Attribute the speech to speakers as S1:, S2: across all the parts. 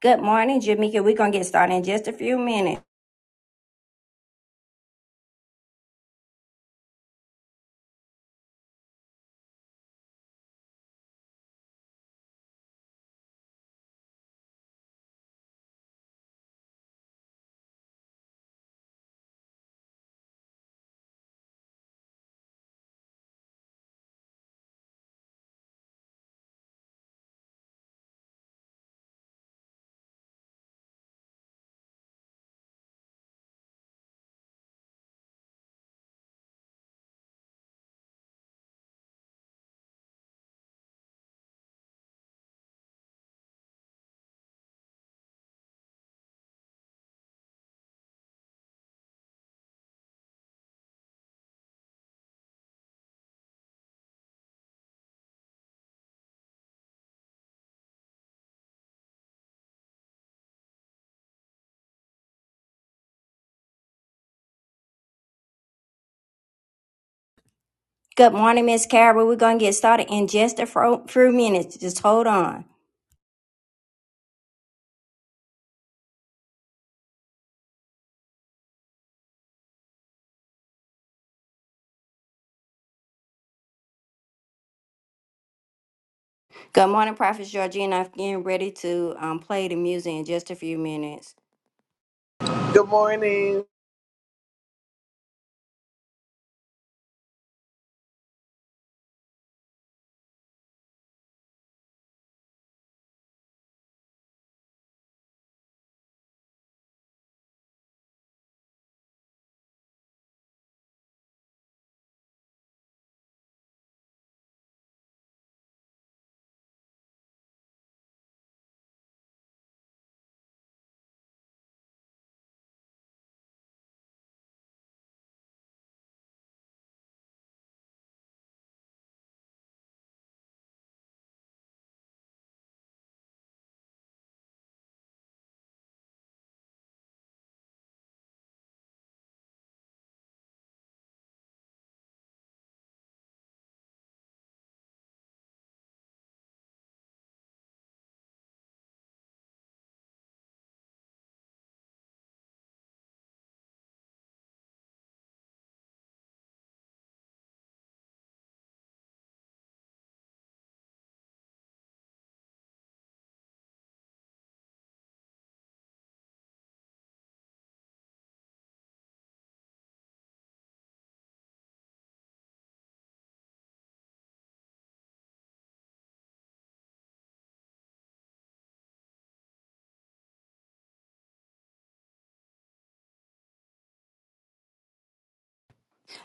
S1: Good morning, Jamika. We're going to get started in just a few minutes. Good morning, Miss Carol. We're going to get started in just a fro- few minutes. Just hold on. Good morning, Prophet Georgina. I'm getting ready to um, play the music in just a few minutes.
S2: Good morning.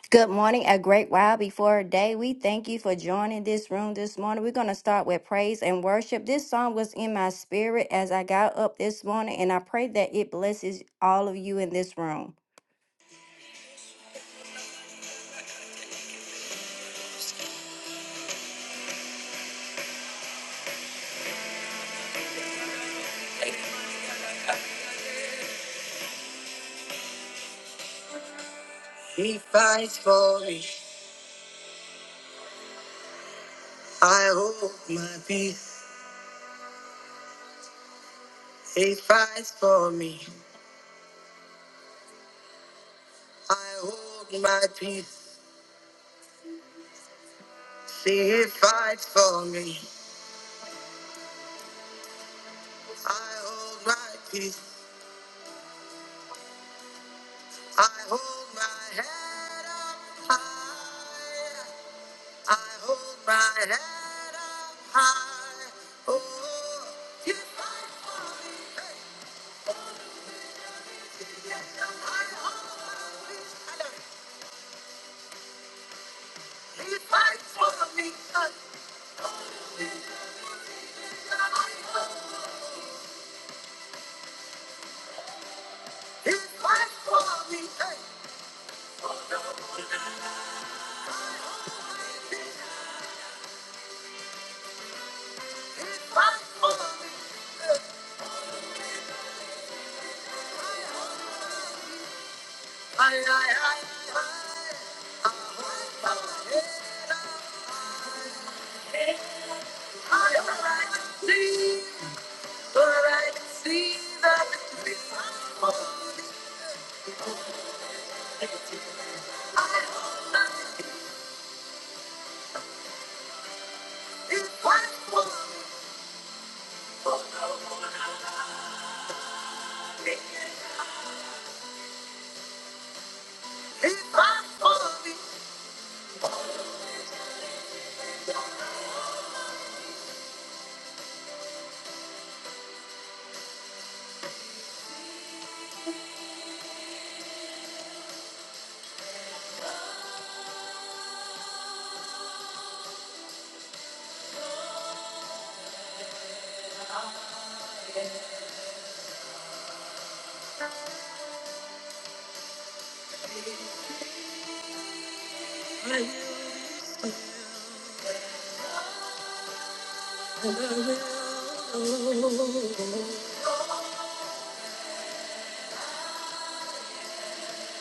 S1: Good morning, a great while before day. We thank you for joining this room this morning. We're going to start with praise and worship. This song was in my spirit as I got up this morning, and I pray that it blesses all of you in this room. He fights for me. I hold my peace. He fights for me. I hold my peace. See, he fights for me. I hold my peace. I hold my head up high. I hold my head up high. Oh, he fights for me. Hey. I hold my peace. I know. He fights for me. I He fights for me. Hey. He fights for me. Hey. Aye, aye, aye, aye. I hold my head up high. I can see, I can see that he fights for me. He fights for me. He fights for me.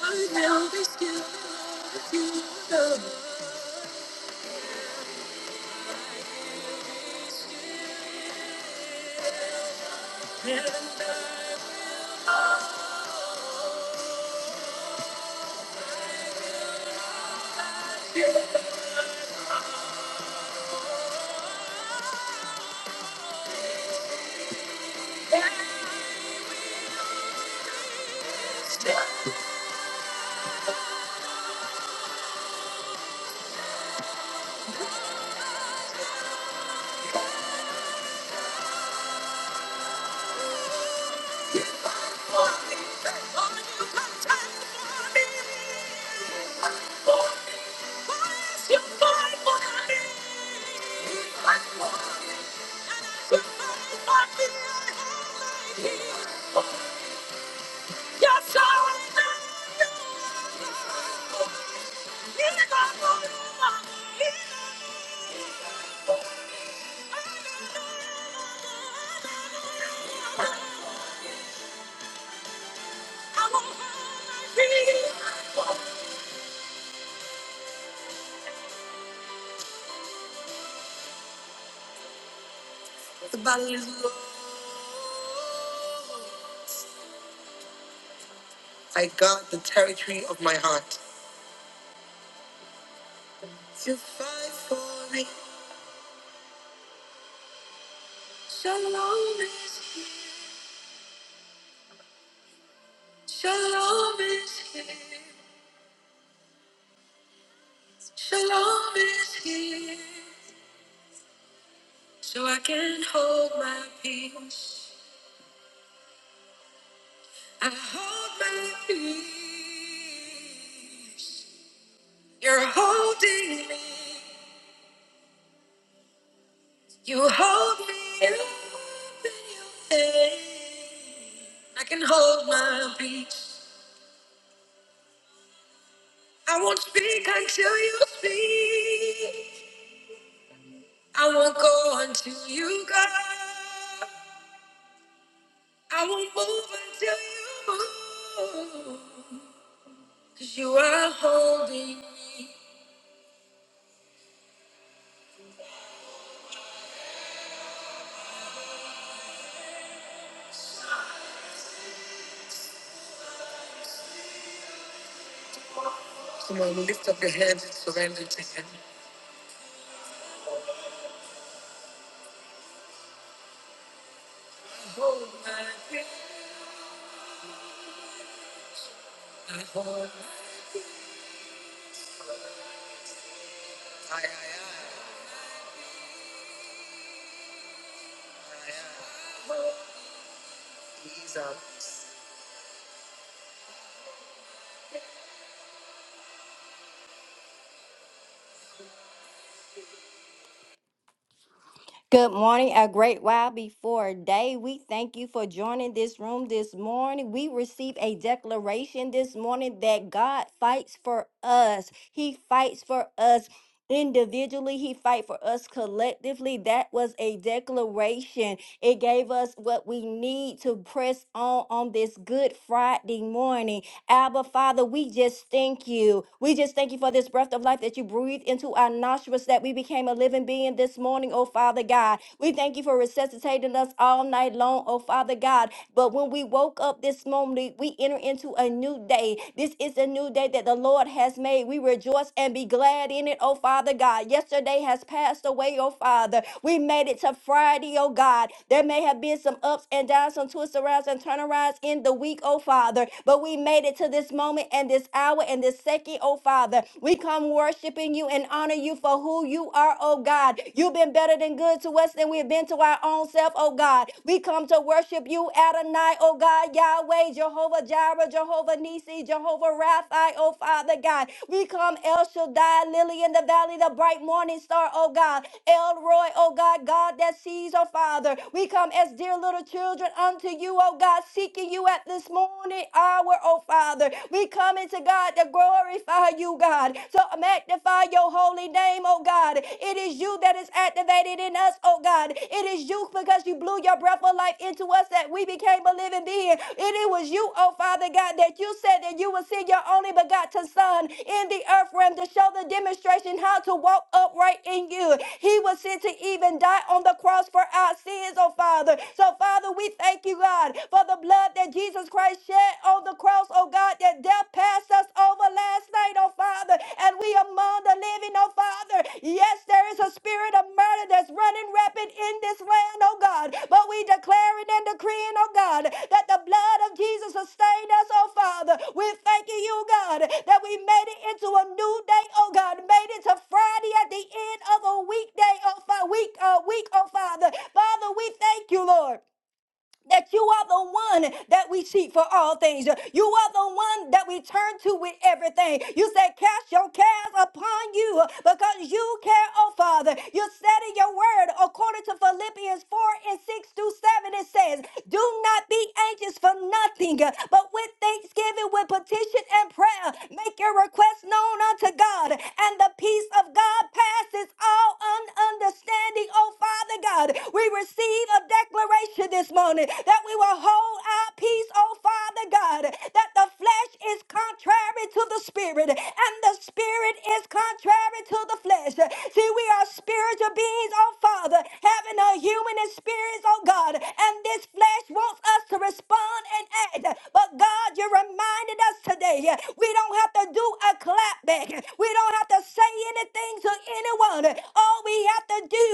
S1: I will be still. You know. And I will be standing strong. And you fight for me. And I will fight for you. Yes, I got the territory of my heart. You fight for me. Shalom is here. Shalom is here. Shalom is here. so I can hold my peace. I hold my peace. You're holding me. You hold me up in your hand. I can hold my peace. I won't speak until you speak. I won't go until you go. I won't move until you move. Cause you are holding me. Come on, lift up your hands and surrender to Him. I Hold my breath. I hold my- Aye, aye, aye. Aye, aye. He's our Good morning, a great while before day. We thank you for joining this room this morning. We receive a declaration this morning that God fights for us. He fights for us. individually he fight for us collectively that was a declaration it gave us what we need to press on on this good friday morning abba father we just thank you we just thank you for this breath of life that you breathed into our nostrils that we became a living being this morning oh father god we thank you for resuscitating us all night long oh father god but when we woke up this morning we enter into a new new day. This is a new day that the Lord has made. We rejoice and be glad in it, oh Father God. Yesterday has passed away, oh Father. We made it to Friday, oh God. There may have been some ups and downs, some twists arounds and turnarounds in the week, oh Father. But we made it to this moment and this hour and this second, oh Father. We come worshiping you and honor you for who you are, oh God. You've been better than good to us than we've been to our own self, oh God. God. We come to worship you, Adonai, oh God, Yahweh, Jehovah Jireh, Jehovah Nisi, Jehovah Rapha, oh Father God. We come El Shaddai, Lily in the Valley, the bright morning star, oh God. El Roy, oh God, God that sees, oh Father. We come as dear little children unto you, oh God, seeking you at this morning hour, oh Father. We come into God to glorify you, God, to magnify your holy name, oh God. It is you that is activated in us, oh God. It is you because you blew your breath of life into us that we became a living being. And it was you, oh Father God, that you said that you would send your only begotten Son in the earth realm to show the demonstration how to walk upright in you. He was sent to even die on the cross for our sins, oh Father. So, Father, we thank you, God, for the blood that Jesus Christ shed on the cross, oh God, that that death passed us over last night, oh Father, and we among the living, oh Father. Yes, there is a spirit of murder that's running rampant in this land, oh God, but we declaring and decreeing, oh God, that the blood of Jesus sustained us, oh Father. We thanking you, God, that we made it into a new day, oh God, made it to Friday at the end of a weekday, oh Father, week, uh, week, oh Father. Father, we thank you, Lord that you are the one that we seek for all things. You are the one that we turn to with everything. You said, Cast your cares upon you because you care, oh Father. You said in your word, according to Philippians 4 and 6 through 7, it says, Do not be anxious for nothing, but with thanksgiving, with petition and prayer, make your request known unto God. And the peace of God passes all un- understanding, oh Father God. We receive a declaration declaration this morning that we will hold our peace, oh Father God, that the flesh is contrary to the spirit and the spirit is contrary to the flesh. See, we are spiritual beings, oh Father, having a human experience, oh God, and this flesh wants us to respond and act. But God, you reminded us today we don't have to do a clap back, we don't have to say anything to anyone. All we have to do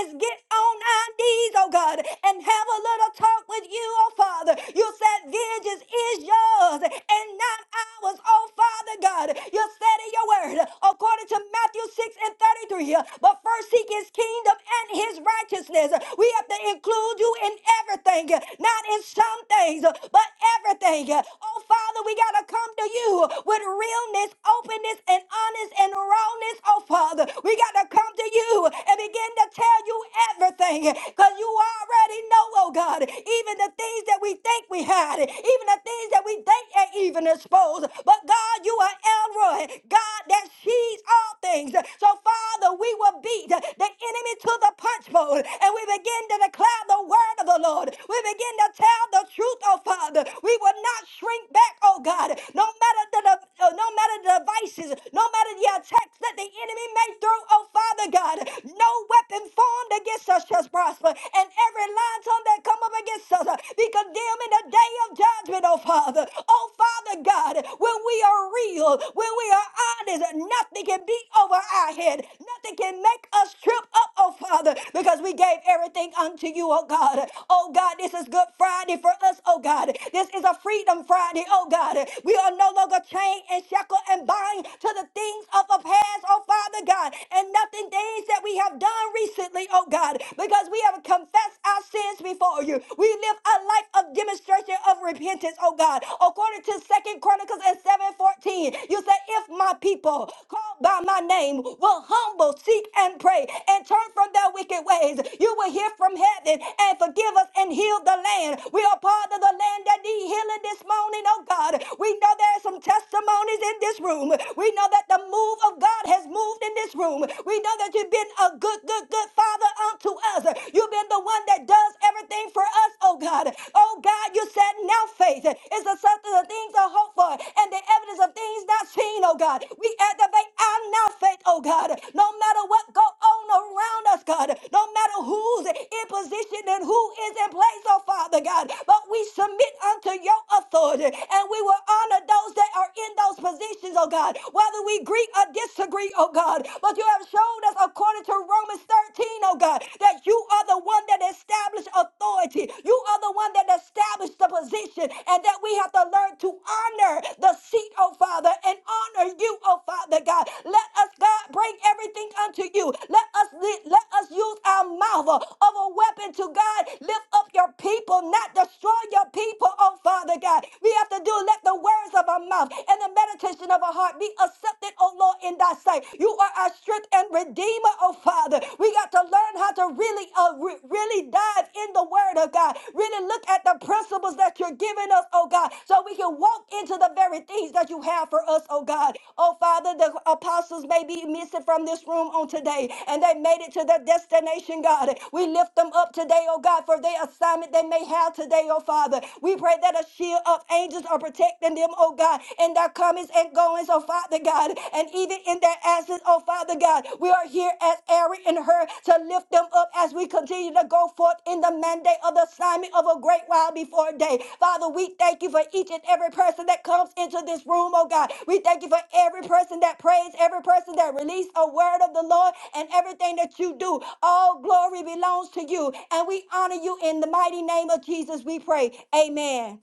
S1: is get on nine knees, oh God, and have a little talk with you, oh Father. You said vengeance is yours and not ours, oh Father God. You said in your word, according to Matthew 6 and 33, but first seek his kingdom and his righteousness. We have to include you in everything, not in some things, but everything. Oh Father, we got to come to you with realness, openness, and honest and rawness, oh Father. We got to come to you and begin to tell you everything because you already know, oh God, even the things that we think we had, even the things that we think are even exposed. But God, you are Elroy, God that sees all things. So, Father, we will beat the enemy to the punch bowl and we begin to declare the word of the Lord. We begin to tell the truth, oh Father. We will not shrink back, oh God, no matter the, uh, no matter the devices, no matter the attacks that the enemy may throw, oh Father. Father God, no weapon formed against us shall prosper, and every lying tongue that come up against us uh, be condemned in the day of judgment, oh Father. Oh Father God, when we are real, when we are honest, nothing can be over our head. Nothing can make us trip up, oh Father, because we gave everything unto you, oh God. Oh God, this is Good Friday for us, oh God. This is a Freedom Friday, oh God. We are no longer chained and shackled and bind to the things of the past, oh Father. Father God, and nothing things that we have done recently, oh God, because we have confessed our sins before you. We live a life of demonstration of repentance, oh God. According to Second Chronicles and 7:14, you said, if my people called by my name will humble, seek, and pray, and turn from their wicked ways, you will hear from heaven and forgive us and heal the land. We are part of the land that need healing this morning, oh God. We know there are some testimonies in this room. We know that the the move of God has moved in this room. We know that you've been a good, good, good father unto us. You've been the one that does everything for us, oh God. Oh God, you said now faith is the substance of things are hope for and the evidence of things not seen, oh God. We activate our now faith, oh God. No matter what go on around us, God. No matter who's in position and who is in place, oh Father God. But we submit unto your authority and we will honor those that are in those positions situations, oh God, whether we agree or disagree, oh God. But you have shown us, according to Romans 13, oh God, that you are the one that established authority. You are the one that established the position, and that we have to learn to honor the seat, oh Father, and honor you, oh Father God. Let us, God, bring everything unto you. Let us let us use our mouth of a weapon to God. Lift up your people will not destroy your people, oh Father God. We have to do let the words of our mouth and the meditation of our heart be accepted, oh Lord, in thy sight. You are our strength and redeemer, oh Father. We got to learn how to really, uh, re- really dive in the word of God. Really look at the principles that you're giving us, oh God, so we can walk into the very things that you have for us, oh God. Oh Father, the apostles may be missing from this room on today, and they that made it to their destination, God. We lift them up today, oh God, for their assignment they may have today, oh Father. We pray that a shield of angels are protecting them, oh God, in their comings and goings, oh Father God, and even in their absence, oh Father God. We are here as Aaron and her to lift them up as we continue to go forth in the mandate of the assignment of a great while before day. Father, we thank you for each and every person that comes into this room, oh God. We thank you for every person that prays, every person that released a word of the Lord, and everything that you do. All glory belongs to you, and we honor you in the mighty name of Jesus. We pray. Amen.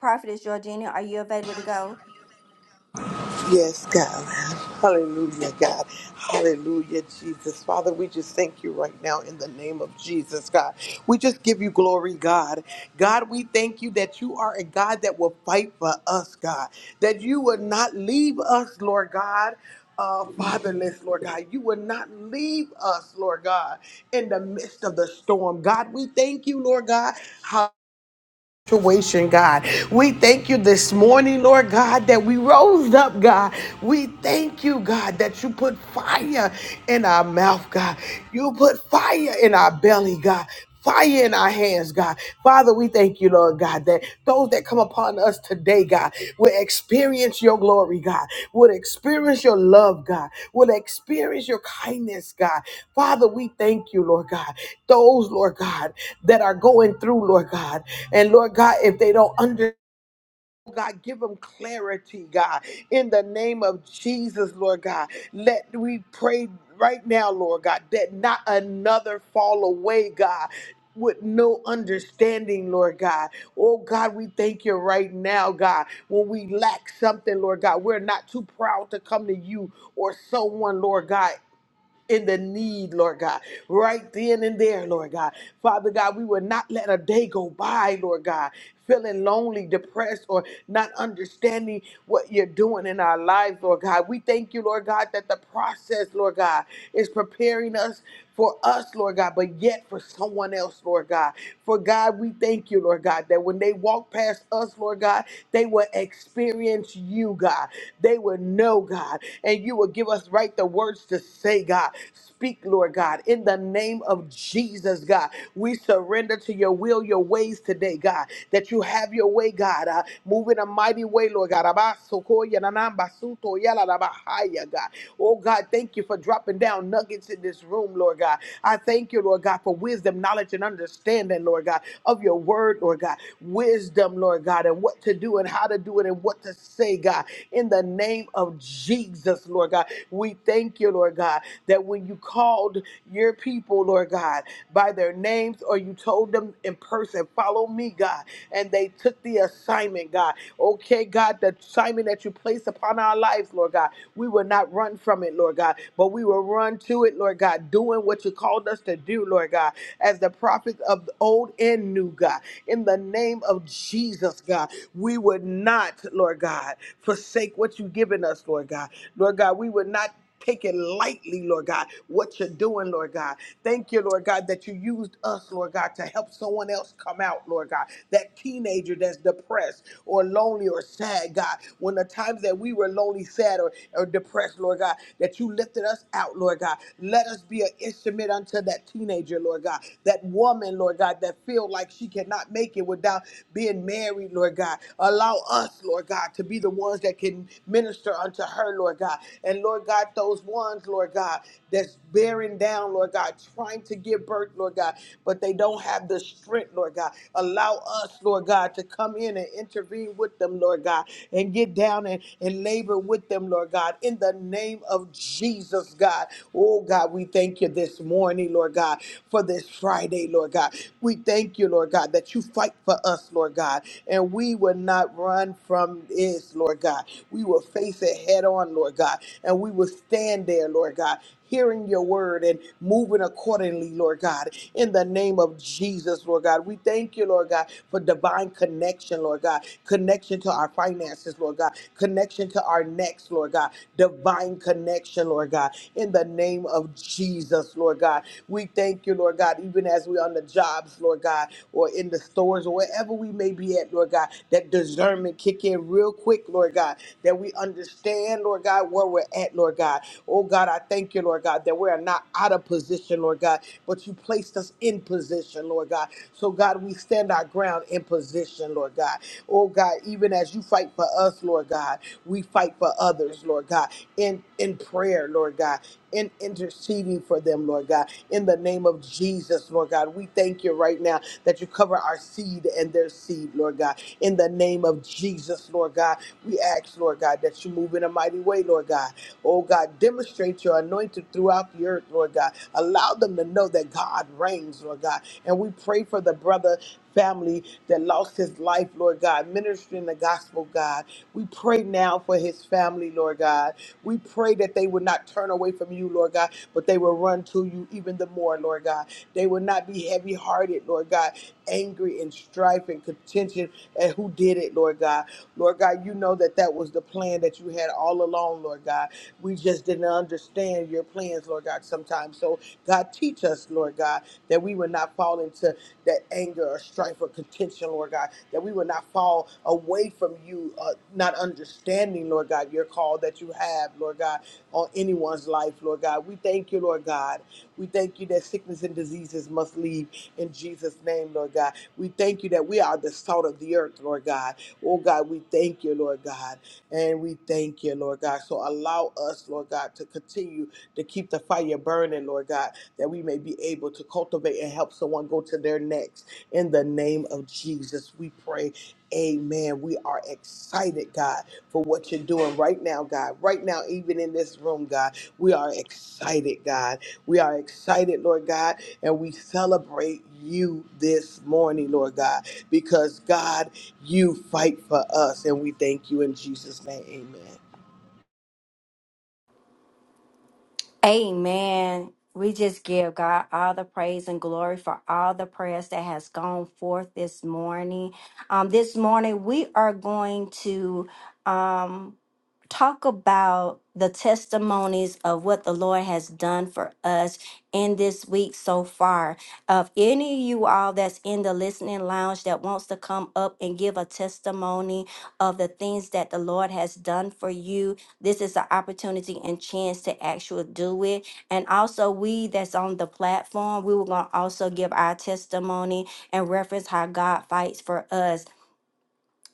S1: Prophetess Georgina, are you available to go?
S2: Yes, God. Hallelujah, God. Hallelujah, Jesus. Father, we just thank you right now in the name of Jesus, God. We just give you glory, God. God, we thank you that you are a God that will fight for us, God. That you would not leave us, Lord God. Uh, fatherless, Lord God, you would not leave us, Lord God, in the midst of the storm. God, we thank you, Lord God. situation, God. We thank you this morning, Lord God, that we rose up, God. We thank you, God, that you put fire in our mouth, God. You put fire in our belly, God. Fire in our hands, God. Father, we thank you, Lord God, that those that come upon us today, God, will experience your glory, God, will experience your love, God, will experience your kindness, God. Father, we thank you, Lord God. Those, Lord God, that are going through, Lord God, and Lord God, if they don't understand, God, give them clarity, God, in the name of Jesus, Lord God. Let we pray right now, Lord God, that not another fall away, God. With no understanding, Lord God. Oh God, we thank you right now, God. When we lack something, Lord God, we're not too proud to come to you or someone, Lord God, in the need, Lord God, right then and there, Lord God. Father God, we will not let a day go by, Lord God, feeling lonely, depressed, or not understanding what you're doing in our lives, Lord God. We thank you, Lord God, that the process, Lord God, is preparing us for us, Lord God, but yet for someone else, Lord God. For God, we thank you, Lord God, that when they walk past us, Lord God, they will experience you, God. They will know, God and you will give us right the words to say, God. Speak, Lord God, in the name of Jesus, God. We surrender to your will, your ways today, God, that you have your way, God. Uh, move in a mighty way, Lord God. Abasokoya nanambasuto yalalabahaya, God. Oh, God, thank you for dropping down nuggets in this room, Lord God. I thank you, Lord God, for wisdom, knowledge, and understanding, Lord God, of your word, Lord God. Wisdom, Lord God, and what to do and how to do it and what to say say, God, in the name of Jesus, Lord God. We thank you, Lord God, that when you called your people, Lord God, by their names or you told them in person, follow me, God, and they took the assignment, God. Okay, God, the assignment that you placed upon our lives, Lord God, we will not run from it, Lord God, but we will run to it, Lord God, doing what you called us to do, Lord God, as the prophets of old and new, God, in the name of Jesus us, God. We would not, Lord God, forsake what you've given us, Lord God. Lord God, we would not take it lightly, Lord God, what you're doing, Lord God. Thank you, Lord God, that you used us, Lord God, to help someone else come out, Lord God. That teenager that's depressed or lonely or sad, God. When the times that we were lonely, sad, or, or depressed, Lord God, that you lifted us out, Lord God. Let us be an instrument unto that teenager, Lord God. That woman, Lord God, that feels feel like she cannot make it without being married, Lord God. Allow us, Lord God, to be the ones that can minister unto her, Lord God. And Lord God, those ones, Lord God, that's bearing down, Lord God, trying to give birth, Lord God, but they don't have the strength, Lord God. Allow us, Lord God, to come in and intervene with them, Lord God, and get down and, and labor with them, Lord God, in the name of Jesus, God. Oh, God, we thank you this morning, Lord God for this Friday, Lord God. We thank you, Lord God, that you fight for us, Lord God, and we will not run from this, Lord God. We will face it head on, Lord God, and we will stand there, Lord God. Hearing your word and moving accordingly, Lord God, in the name of Jesus, Lord God. We thank you, Lord God, for divine connection, Lord God, connection to our finances, Lord God, connection to our necks, Lord God, divine connection, Lord God, in the name name of Jesus, Lord God. We thank you, Lord God, even as we're on the jobs, Lord God, or in the stores or wherever we may be at, Lord God, that discernment kick in real quick, Lord God, that we understand, Lord God, where we're at, Lord God. Oh God, I thank you, Lord God, that we are not out of position, Lord God, but you placed us in position, Lord God. So God, we stand our ground in position, Lord God. Oh God, even as you fight for us, Lord God, we fight for others, Lord God, in in prayer, Lord God. In interceding for them, Lord God. In the name of Jesus, Lord God, we thank you right now that you cover our seed and their seed, Lord God. In the name of Jesus, Lord God, we ask, Lord God, that you move in a mighty way, Lord God. Oh God, demonstrate your anointing throughout the earth, Lord God. Allow them to know that God reigns, Lord God. And we pray for the brother family that lost his life, Lord God, ministering the gospel, God. We pray now for his family, Lord God. We pray that they would not turn away from you, Lord God, but they will run to you even the more, Lord God. They will not be heavy hearted, Lord God, angry and strife and contention at who did it, Lord God. Lord God, you know that that was the plan that you had all along, Lord God. We just didn't understand your plans, Lord God, sometimes. So, God, teach us, Lord God, that we would not fall into that anger or strife or contention, Lord God, that we will not fall away from you, uh, not understanding, Lord God, your call that you have, Lord God, on anyone's life, Lord God. We thank you, Lord God. We thank you that sickness and diseases must leave in Jesus' name, Lord God. We thank you that we are the salt of the earth, Lord God. Oh God, we thank you, Lord God. And we thank you, Lord God. So allow us, Lord God, to continue to keep the fire burning, Lord God that we may be able to cultivate and help someone go to their next. In the name of Jesus, we pray. Amen. We are excited, God, for what you're doing right now, God. Right now, even in this room, God, we are excited, God. We are excited, Lord God, and we celebrate you this morning, Lord God, because God, you fight for us, and we thank you in Jesus' name. Amen.
S1: Amen. We just give God all the praise and glory for all the prayers that has gone forth this morning. Um, this morning we are going to um talk about the testimonies of what the Lord has done for us in this week so far. Of any of you all that's in the listening lounge that wants to come up and give a testimony of the things that the Lord has done for you, this is an opportunity and chance to actually do it. And also, we that's on the platform, we were going to also give our testimony and reference how God fights for us.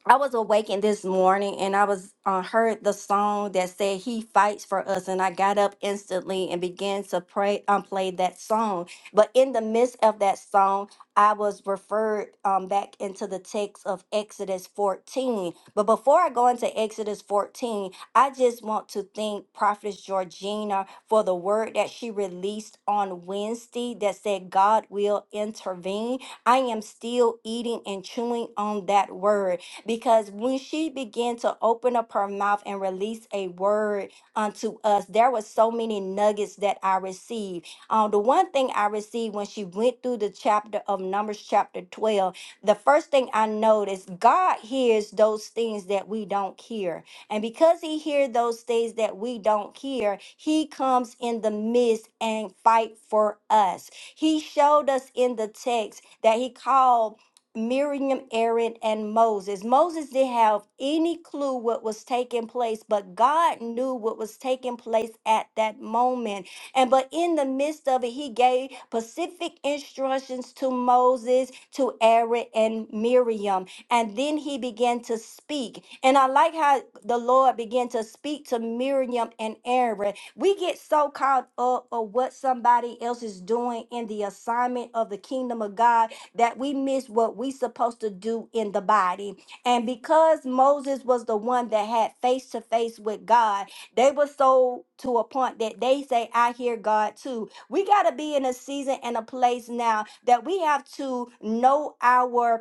S1: I was awakened this morning and I was uh, heard the song that said he fights for us and I got up instantly and began to pray um, play that song. But in the midst of that song, I was referred um, back into the text of Exodus 14. But before I go into Exodus 14, I just want to thank Prophetess Georgina for the word that she released on Wednesday that said God will intervene. I am still eating and chewing on that word because when she began to open up her mouth and release a word unto us, there was so many nuggets that I received. Um, the one thing I received when she went through the chapter of Numbers, chapter 12, the first thing I noticed, God hears those things that we don't hear. And because he hears those things that we don't hear, he comes in the midst and fight for us. He showed us in the text that he called Miriam, Aaron, and Moses. Moses didn't have any clue what was taking place, but God knew what was taking place at that moment. And but in the midst of it, he gave specific instructions to Moses, to Aaron, and Miriam. And then he began to speak. And I like how the Lord began to speak to Miriam and Aaron. We get so caught up of what somebody else is doing in the assignment of the kingdom of God that we miss what we supposed to do in the body. And because Moses was the one that had face to face with God, they were so to a point that they say, I hear God too. We got to be in a season and a place now that we have to know our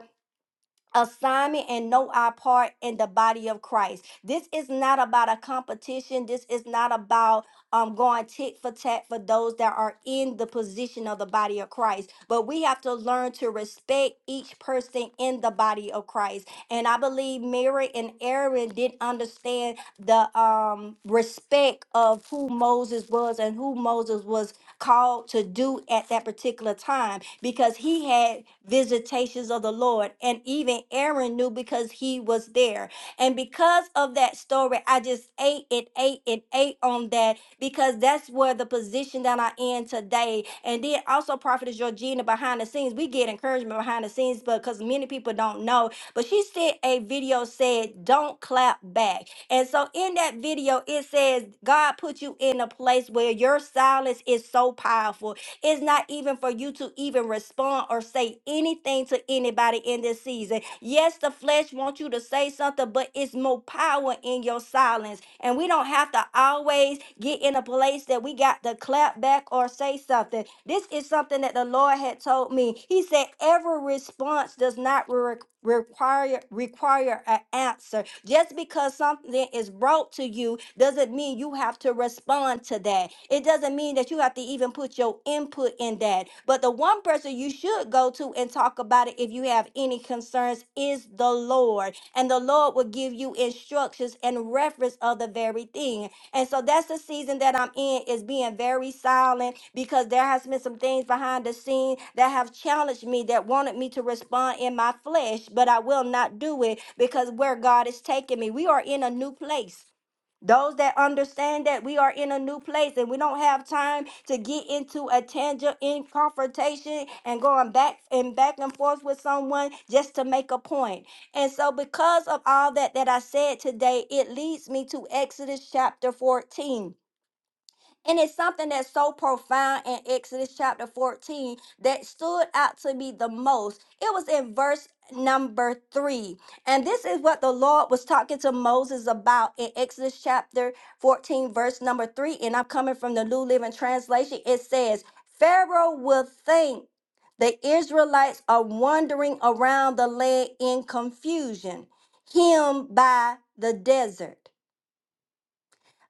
S1: assignment and know our part in the body of Christ. This is not about a competition. This is not about um, going tit for tat for those that are in the position of the body of Christ. But we have to learn to respect each person in the body of Christ. And I believe Mary and Aaron didn't understand the um, respect of who Moses was and who Moses was called to do at that particular time because he had visitations of the Lord. And even Aaron knew because he was there. And because of that story, I just ate and ate and ate on that because that's where the position that I in today. And then also Prophetess Georgina behind the scenes. We get encouragement behind the scenes, but because many people don't know. But she said a video said, Don't clap back. And so in that video, it says, God put you in a place where your silence is so powerful it's not even for you to even respond or say anything to anybody in this season. Yes, the flesh wants you to say something, but it's more power in your silence. And we don't have to always get in a place that we got to clap back or say something. This is something that the Lord had told me. He said, every response does not re- require require an answer. Just because something is brought to you doesn't mean you have to respond to that. It doesn't mean that you have to even put your input in that. But the one person you should go to and talk about it if you have any concerns is the Lord. And the Lord will give you instructions and reference of the very thing. And so that's the season that I'm in is being very silent because there has been some things behind the scene that have challenged me that wanted me to respond in my flesh, but I will not do it because where God is taking me, we are in a new place. Those that understand that we are in a new place and we don't have time to get into a tangent in confrontation and going back and back and forth with someone just to make a point. And so, because of all that that I said today, it leads me to Exodus chapter 14 and it's something that's so profound in Exodus chapter 14 that stood out to me the most. It was in verse number three. And this is what the Lord was talking to Moses about in Exodus chapter 14, verse number three. And I'm coming from the New Living Translation. It says, Pharaoh will think the Israelites are wandering around the land in confusion, him by the desert.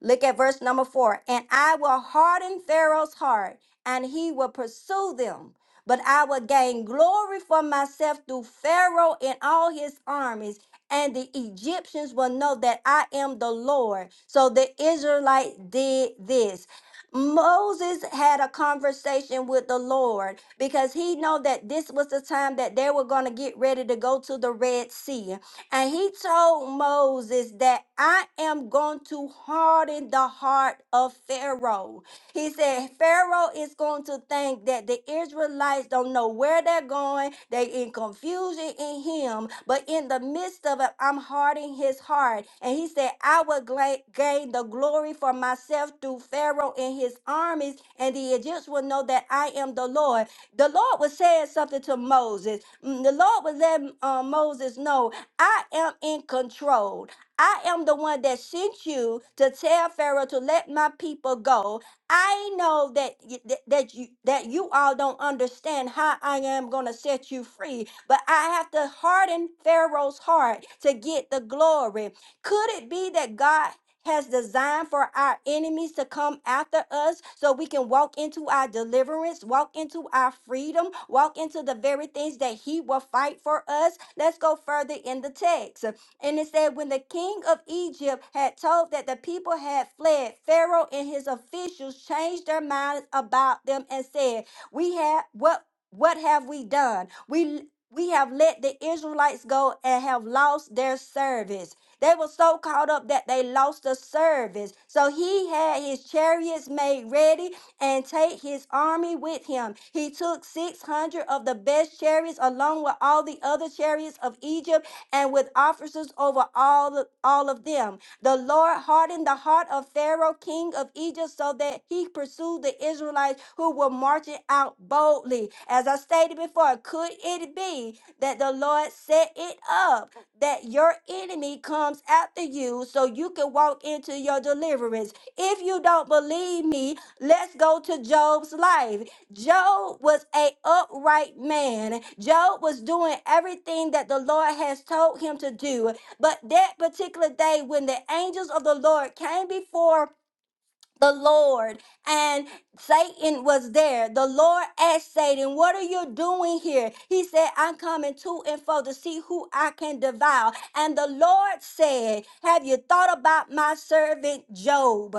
S1: Look at verse number four. And I will harden Pharaoh's heart, and he will pursue them. But I will gain glory for myself through Pharaoh and all his armies, and the Egyptians will know that I am the Lord. So the Israelites did this. Moses had a conversation with the Lord because he know that this was the time that they were going to get ready to go to the Red Sea. And he told Moses that I am going to harden the heart of Pharaoh. He said, Pharaoh is going to think that the Israelites don't know where they're going. They in confusion in him. But in the midst of it, I'm hardening his heart. And he said, I will gla- gain the glory for myself through Pharaoh and his armies. And the Egyptians will know that I am the Lord. The Lord was saying something to Moses. Mm, The Lord was letting uh, Moses know I am in control. I am the one that sent you to tell Pharaoh to let my people go. I know that y- th- that you that you all don't understand how I am going to set you free, but I have to harden Pharaoh's heart to get the glory. Could it be that God has designed for our enemies to come after us so we can walk into our deliverance, walk into our freedom, walk into the very things that he will fight for us. Let's go further in the text. And it said, when the king of Egypt had told that the people had fled, Pharaoh and his officials changed their minds about them and said, "We have what? What have we done? We." We have let the Israelites go and have lost their service. They were so caught up that they lost the service. So he had his chariots made ready and take his army with him. He took 600 of the best chariots along with all the other chariots of Egypt and with officers over all, all of them. The Lord hardened the heart of Pharaoh, king of Egypt, so that he pursued the Israelites who were marching out boldly. As I stated before, could it be that the Lord set it up that your enemy comes after you so you can walk into your deliverance? If you don't believe me, let's go to Job's life. Job was a upright man. Job was doing everything that the Lord has told him to do. But that particular day, when the angels of the Lord came before the Lord and Satan was there, the Lord asked Satan, What are you doing here? He said, I'm coming to and fro to see who I can devour. And the Lord said, Have you thought about my servant Job?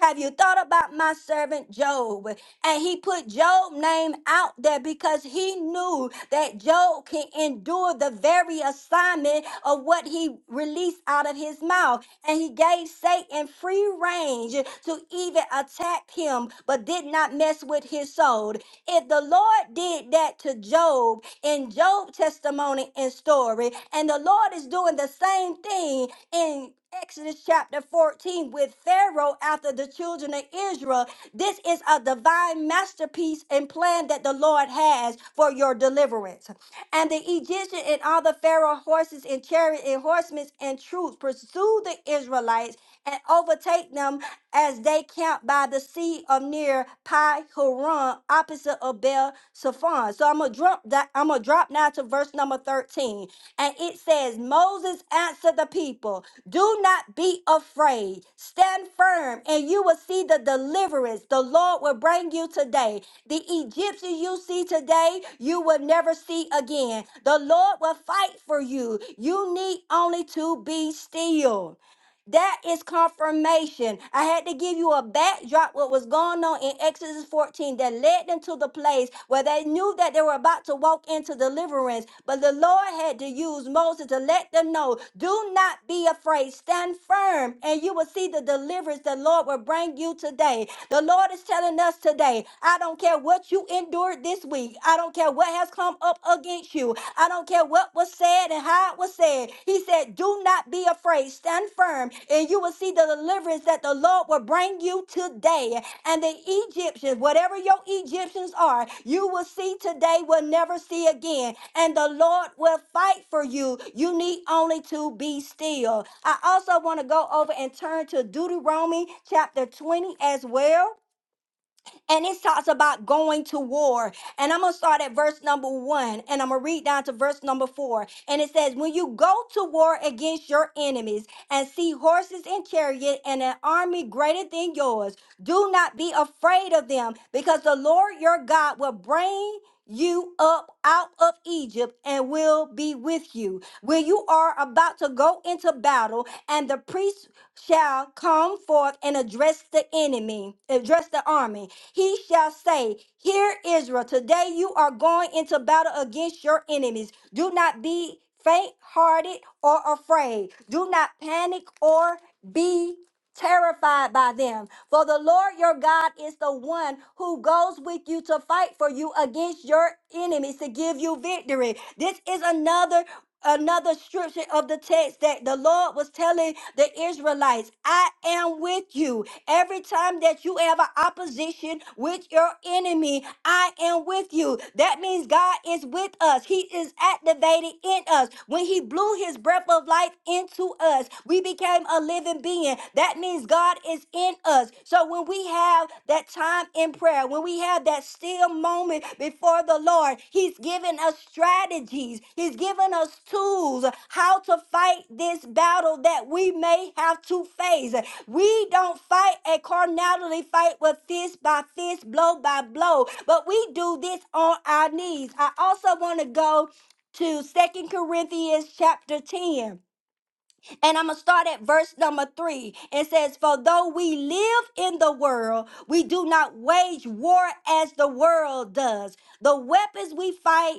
S1: Have you thought about my servant Job? And he put Job's name out there because he knew that Job can endure the very assignment of what he released out of his mouth. And he gave Satan free range to even attack him, but did not mess with his soul. If the Lord did that to Job in Job testimony and story, and the Lord is doing the same thing in. Exodus chapter 14 with Pharaoh after the children of Israel. This is a divine masterpiece and plan that the Lord has for your deliverance. And the Egyptian and all the Pharaoh horses and chariot and horsemen and troops pursued the Israelites and overtake them as they camped by the sea of near Pi Haron, opposite of Bel Safon. So I'm gonna drop that. I'm gonna drop now to verse number 13. And it says, Moses answered the people, Do not be afraid. Stand firm, and you will see the deliverance the Lord will bring you today. The Egyptians you see today, you will never see again. The Lord will fight for you. You need only to be still. That is confirmation. I had to give you a backdrop what was going on in Exodus 14 that led them to the place where they knew that they were about to walk into deliverance. But the Lord had to use Moses to let them know, do not be afraid. Stand firm and you will see the deliverance the Lord will bring you today. The Lord is telling us today, I don't care what you endured this week. I don't care what has come up against against you. I don't care what was said and how it was said. He said, Do not be afraid. Stand firm, and you will see the deliverance that the Lord will bring you today. And the Egyptians, whatever your Egyptians are, you will see today will never see again. And the Lord will fight for you. You need only to be still. I also want to go over and turn to Deuteronomy chapter 20 as well and it talks about going to war. And I'm going to start at verse number one and I'm going to read down to verse number four. And it says, When you go to war against your enemies and see horses and chariot and an army greater than yours, do not be afraid of them because the Lord your God will bring you up out of Egypt and will be with you. When you are about to go into battle, and the priests shall come forth and address the enemy, address the army. He shall say, Hear Israel, today you are going into battle against your enemies. Do not be faint hearted or afraid. Do not panic or be terrified by them for the Lord your God is the one who goes with you to fight for you against your enemies to give you victory. This is another another scripture of the text that the Lord was telling the Israelites, I am with you. Every time that you have an opposition with your enemy, I am with you. That means God is with us us. He is activated in us. When he blew his breath of life into us, we became a living being. That means God is in us. So when we have that time in prayer, when we have that still moment before the Lord, he's given us strategies. He's given us tools how to fight this battle that we may have to face. We don't fight a carnality fight with fist by fist, blow by blow, but we do this on our knees. I also want to go to Second Corinthians chapter 10, and I'm going to start at verse number 3. It says, For though we live in the world, we do not wage war as the world does. The weapons we fight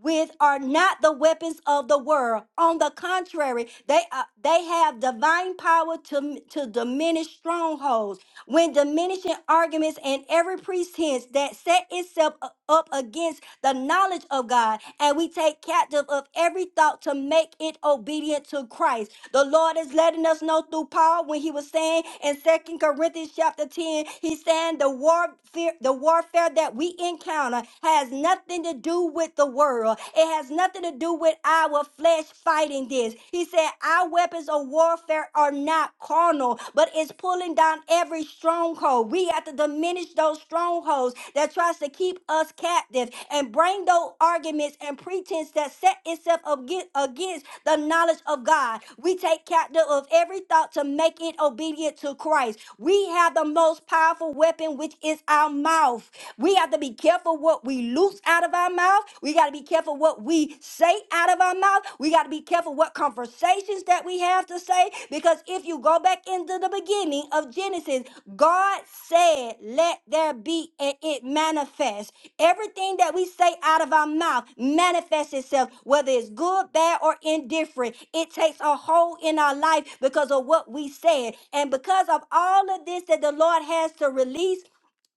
S1: with are not the weapons of the world. On the contrary, they are, they have divine power to to diminish strongholds. When diminishing arguments and every pretense that set itself u- up against the knowledge of God, and we take captive of every thought to make it obedient to Christ. The Lord is letting us know through Paul when he was saying in Second Corinthians chapter 10, he's saying the warfare, the warfare that we encounter has nothing to do with the world. It has nothing to do with our flesh fighting this. He said, Our weapons of warfare are not carnal, but it's pulling down every stronghold. We have to diminish those strongholds those that tries to keep us captive and bring those arguments and pretense that set itself aga- against the knowledge of God. We take captive of every thought to make it obedient to Christ. We have the most powerful weapon, which is our mouth. We have to be careful what we loose out of our mouth. We got to be careful what we say out of our mouth. We got to be careful what what conversations that we have to say. Because if you go back into the beginning of Genesis, God said, Let there be, and it manifests. Everything that we say out of our mouth manifests itself, whether it's good, bad, or indifferent. It takes a hold in our life because of what we said. And because of all of this that the Lord has to release,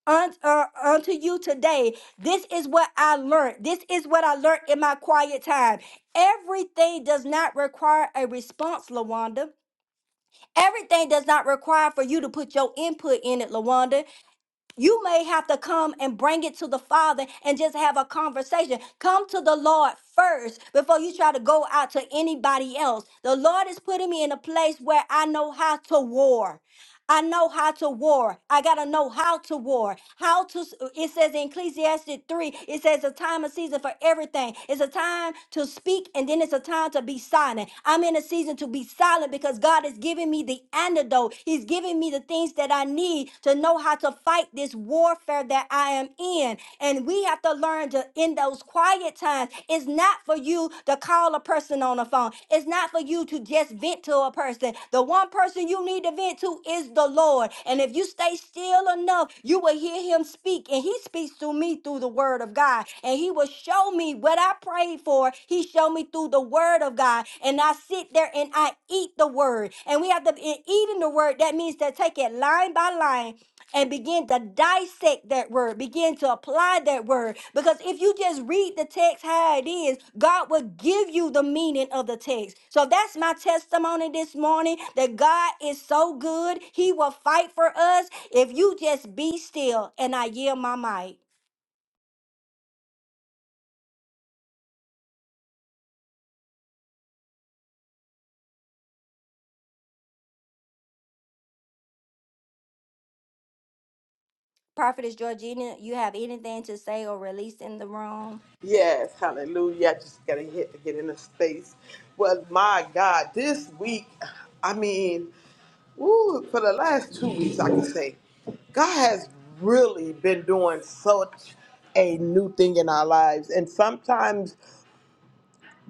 S1: un- uh, unto you today. This is what I learned. This is what I learned in my quiet time. Everything does not require a response, Lawanda. Everything does not require for you to put your input in it, Lawanda. You may have to come and bring it to the Father and just have a conversation. Come to the Lord first before you try to go out to anybody else. The Lord is putting me in a place where I know how to war. I know how to war. I got to know how to war. How to, s- uh, it says in Ecclesiastes 3, it says a time and season for everything. It's a time to speak and then it's a time to be silent. I'm in a season to be silent because God is giving me the antidote. He's giving me the things that I need to know how to fight this warfare that I am in. And we have to learn to, in those quiet times, it's not not for you to call a person on the phone. It's not for you to just vent to a person. The one person you need to vent to is the Lord. And if you stay still enough, you will hear him speak. And he speaks to me through the word of God. And he will show me what I prayed for. He showed me through the word of God. And I sit there and I eat the word. And we have to, in eating the word, that means to take it line by line and begin to dissect that word, begin to apply that word. Because if you just read the text how it is, God will give you the meaning of the text. So that's my testimony this morning that God is so good. He will fight for us if you just be still and I yield my mic. Prophetess Georgina, you have anything to say or release in the room?
S2: Yes, hallelujah. I just gotta hit to get in the space. Well, my God, this week, I mean, ooh, for the last two weeks, I can say, God has really been doing such a new thing in our lives. And sometimes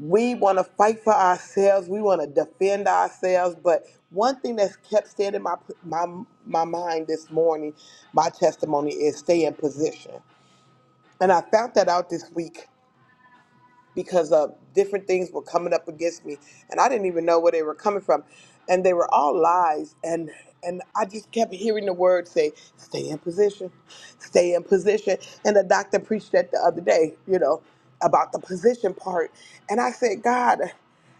S2: we wanna fight for ourselves, we wanna defend ourselves, but one thing that's kept staying in my my my mind this morning, my testimony is stay in position. And I found that out this week because of different things were coming up against me and I didn't even know where they were coming from and they were all lies and and I just kept hearing the word say stay in position stay in position and the doctor preached that the other day you know about the position part and I said God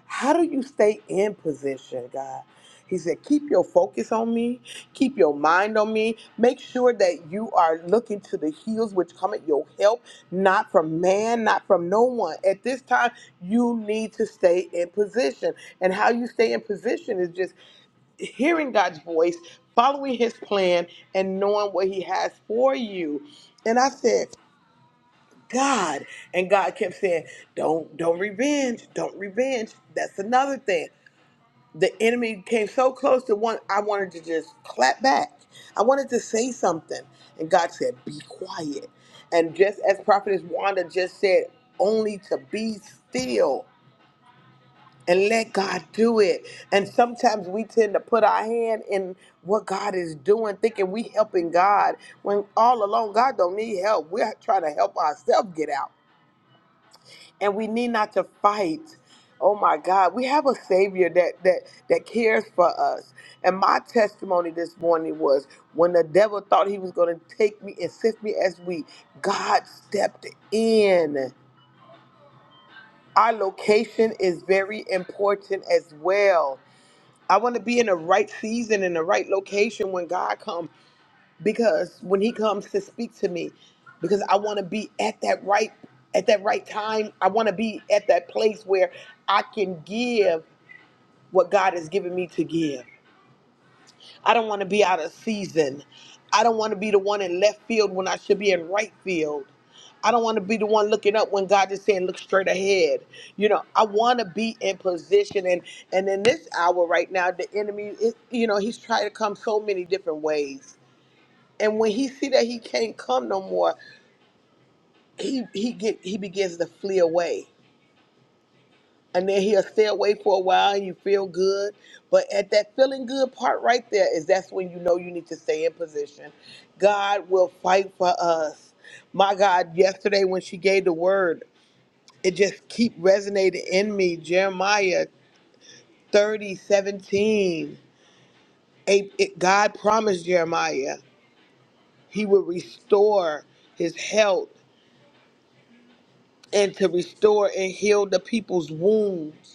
S2: how do you stay in position God he said keep your focus on me keep your mind on me make sure that you are looking to the heels which come at your help not from man, not from no one. At this time, you need to stay in position. And how you stay in position is just hearing God's voice, following his plan, and knowing what he has for you. And I said, God. And God kept saying, Don't don't revenge. Don't revenge. That's another thing the enemy came so close to one I wanted to just clap back. I wanted to say something. And God said, Be quiet. And just as Prophetess Wanda just said, only to be still and let God do it. And sometimes we tend to put our hand in what God is doing, thinking we helping God when all along God don't need help. We're trying to help ourselves get out and we need not to fight. Oh my God, we have a Savior that that that cares for us. And my testimony this morning was when the devil thought he was going to take me and sift me as wheat, God stepped in. Our location is very important as well. I want to be in the right season in the right location when God comes because when he comes to speak to me because i want to be at that right at that right time i want to be at that place where i can give what god has given me to give i don't want to be out of season i don't want to be the one in left field when i should be in right field i don't want to be the one looking up when god is saying look straight ahead you know i want to be in position and and in this hour right now the enemy is you know he's trying to come so many different ways and when he see that he can't come no more he he get he begins to flee away and then he'll stay away for a while and you feel good but at that feeling good part right there is that's when you know you need to stay in position god will fight for us my god yesterday when she gave the word it just keep resonating in me jeremiah 30 17, A- it- god promised jeremiah he would restore his health and to restore and heal the people's wounds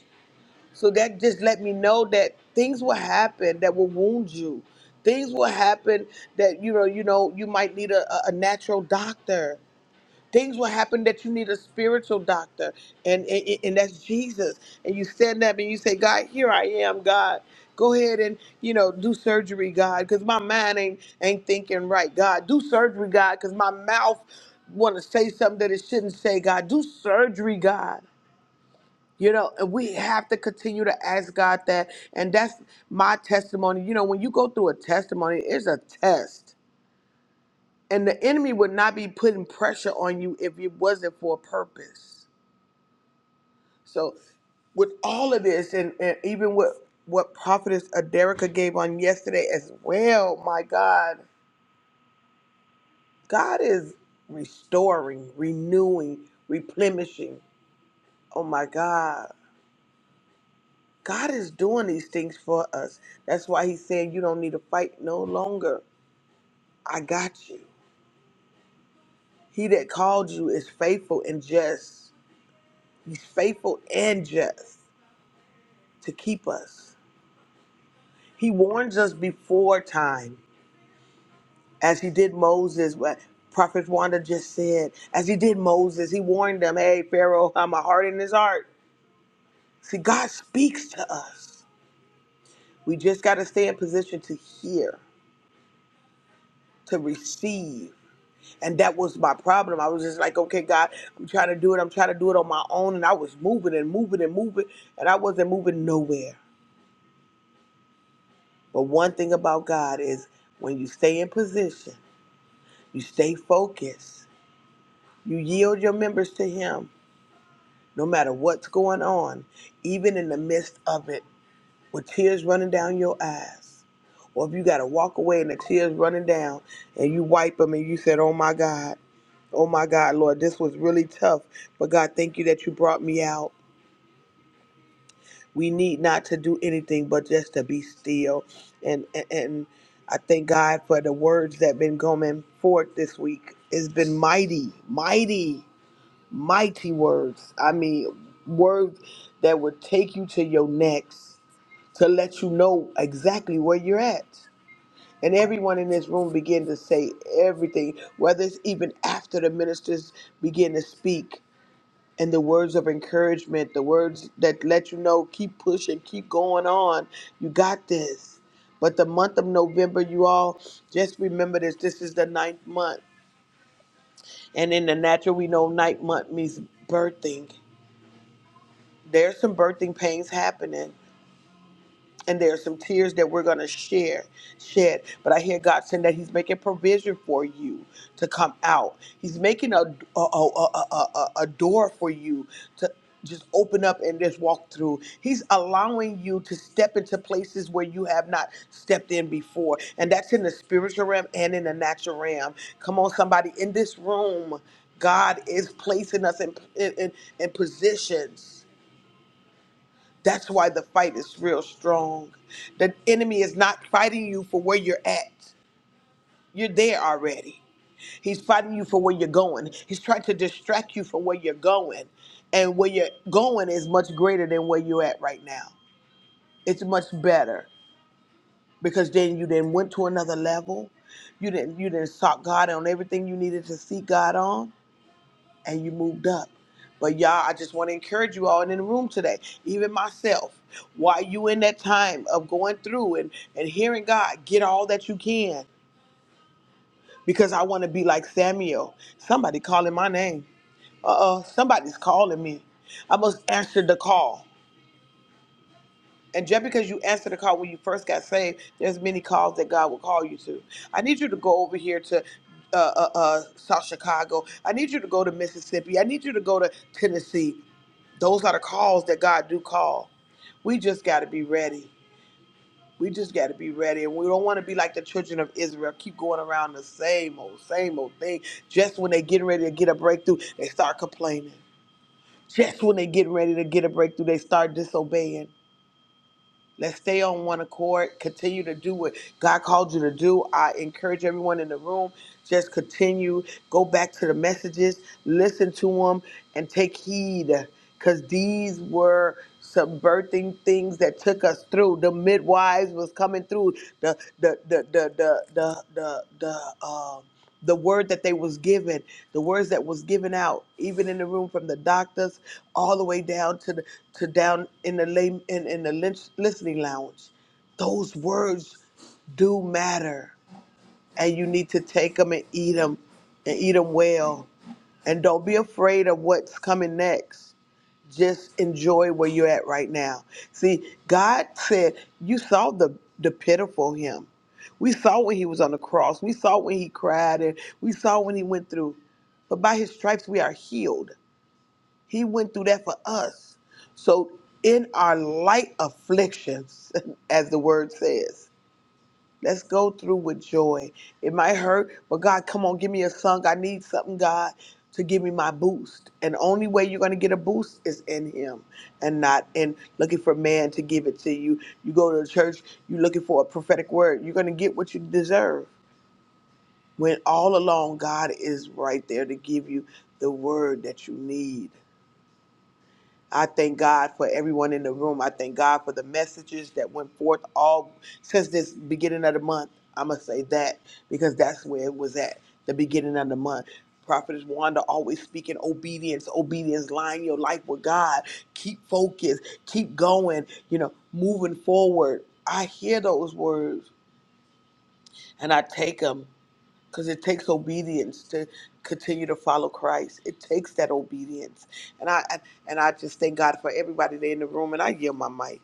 S2: So that just let me know that things will happen that will wound you. Things will happen that you know, you know, you might need a, a a natural doctor. Things will happen that you need a spiritual doctor, and, and and that's Jesus. And you stand up and you say, God, here I am, God. Go ahead and you know do surgery, God, because my mind ain't ain't thinking right, God. Do surgery, God, because my mouth want to say something that it shouldn't say, God. Do surgery, God. You know, and we have to continue to ask God that. And that's my testimony. You know, when you go through a testimony, it's a test. And the enemy would not be putting pressure on you if it wasn't for a purpose. So, with all of this, and, and even with what Prophetess Aderica gave on yesterday as well, my God, God is restoring, renewing, replenishing. Oh, my God. God is doing these things for us. That's why he said, You don't need to fight no longer. I got you. He that called you is faithful and just. He's faithful and just to keep us. He warns us before time, as he did Moses. What Prophet Wanda just said, as he did Moses, he warned them, Hey, Pharaoh, I'm a heart in his heart. See, God speaks to us. We just got to stay in position to hear, to receive And that was my problem. I was just like, okay, God, I'm trying to do it. I'm trying to do it on my own. And I was moving and moving and moving, and I wasn't moving nowhere. But one thing about God is when you stay in position, you stay focused, you yield your members to Him, no matter what's going on, even in the midst of it, with tears running down your eyes. Or if you got to walk away and the tears running down, and you wipe them and you said, oh my God. Oh my God, Lord, this was really tough. But God, thank you that you brought me out. We need not to do anything but just to be still. And and, and I thank God for the words that been coming forth this week. It's been mighty, mighty, mighty words. I mean, words that would take you to your next, to let you know exactly where you're at. And everyone in this room began to say everything, whether it's even after the ministers begin to speak and the words of encouragement, the words that let you know keep pushing, keep going on. You got this. But the month of November, you all just remember this. This is the ninth month. And in the natural, we know ninth month means birthing. There's some birthing pains happening and there are some tears that we're going to share shed but i hear god saying that he's making provision for you to come out he's making a a, a, a, a, a a door for you to just open up and just walk through. He's allowing you to step into places where you have not stepped in before. And that's in the spiritual realm and in the natural realm. Come on, somebody in this room, God is placing us in, in, in in positions that's why the fight is real strong. The enemy is not fighting you for where you're at. You're there already. He's fighting you for where you're going. He's trying to distract you from where you're going. And where you're going is much greater than where you're at right now. It's much better because then you then went to another level. You didn't you didn't sought God on everything you needed to seek God on and you moved up. But y'all, I just want to encourage you all in the room today, even myself. While you in that time of going through and, and hearing God, get all that you can. Because I want to be like Samuel. Somebody calling my name. Uh-uh. Somebody's calling me. I must answer the call. And just because you answered the call when you first got saved, there's many calls that God will call you to. I need you to go over here to uh, uh, uh, South Chicago. I need you to go to Mississippi. I need you to go to Tennessee. Those are the calls that God do call. We just got to be ready. We just got to be ready. And we don't want to be like the children of Israel, keep going around the same old, same old thing. Just when they getting ready to get a breakthrough, they start complaining. Just when they getting ready to get a breakthrough, they start disobeying. Let's stay on one accord. Continue to do what God called you to do. I encourage everyone in the room, just continue. Go back to the messages, listen to them, and take heed. Because these were subverting things that took us through. The midwives was coming through. The the the the the the the, the, um the word that they was given, the words that was given out, even in the room from the doctors all the way down to the to down in the lay, in, in the lynch, listening lounge. Those words do matter, and you need to take them and eat them, and eat them well, and don't be afraid of what's coming next. Just enjoy where you're at right now. See, God said, You saw the, the pitiful him. We saw when he was on the cross. We saw when he cried and we saw when he went through. But by his stripes we are healed. He went through that for us. So in our light afflictions, as the word says. Let's go through with joy. It might hurt, but God, come on, give me a song. I need something, God, to give me my boost. And the only way you're going to get a boost is in Him and not in looking for man to give it to you. You go to the church, you're looking for a prophetic word. You're going to get what you deserve. When all along, God is right there to give you the word that you need. I thank God for everyone in the room. I thank God for the messages that went forth all since this beginning of the month. I'm going to say that because that's where it was at, the beginning of the month. Prophetess Wanda always speaking obedience, obedience, line your life with God. Keep focused, keep going, you know, moving forward. I hear those words and I take them because it takes obedience to continue to follow Christ. It takes that obedience, and I I- and I just thank God for everybody there in the room. And I yield my mic.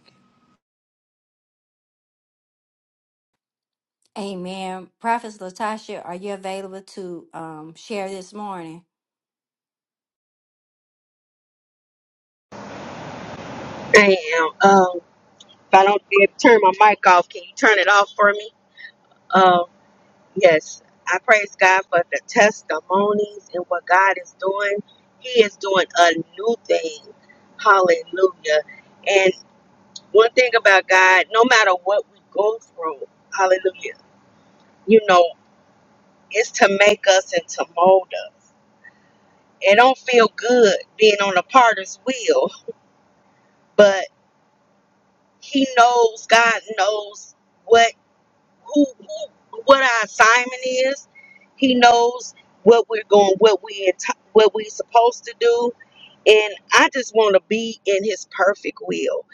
S1: Amen. Prophetess Latasha, are you available to um, share this morning?
S3: I am. Um, if I don't be able to turn my mic off, can you turn it off for me? Um, yes. I praise God for the testimonies and what God is doing. He is doing a new thing. Hallelujah. And one thing about God, no matter what we go through, hallelujah, you know, it's to make us and to mold us. It don't feel good being on a partner's wheel, but he knows, God knows what who, who what our assignment is. He knows what we're going, what we enti- what we supposed to do. And I just want to be in His perfect will.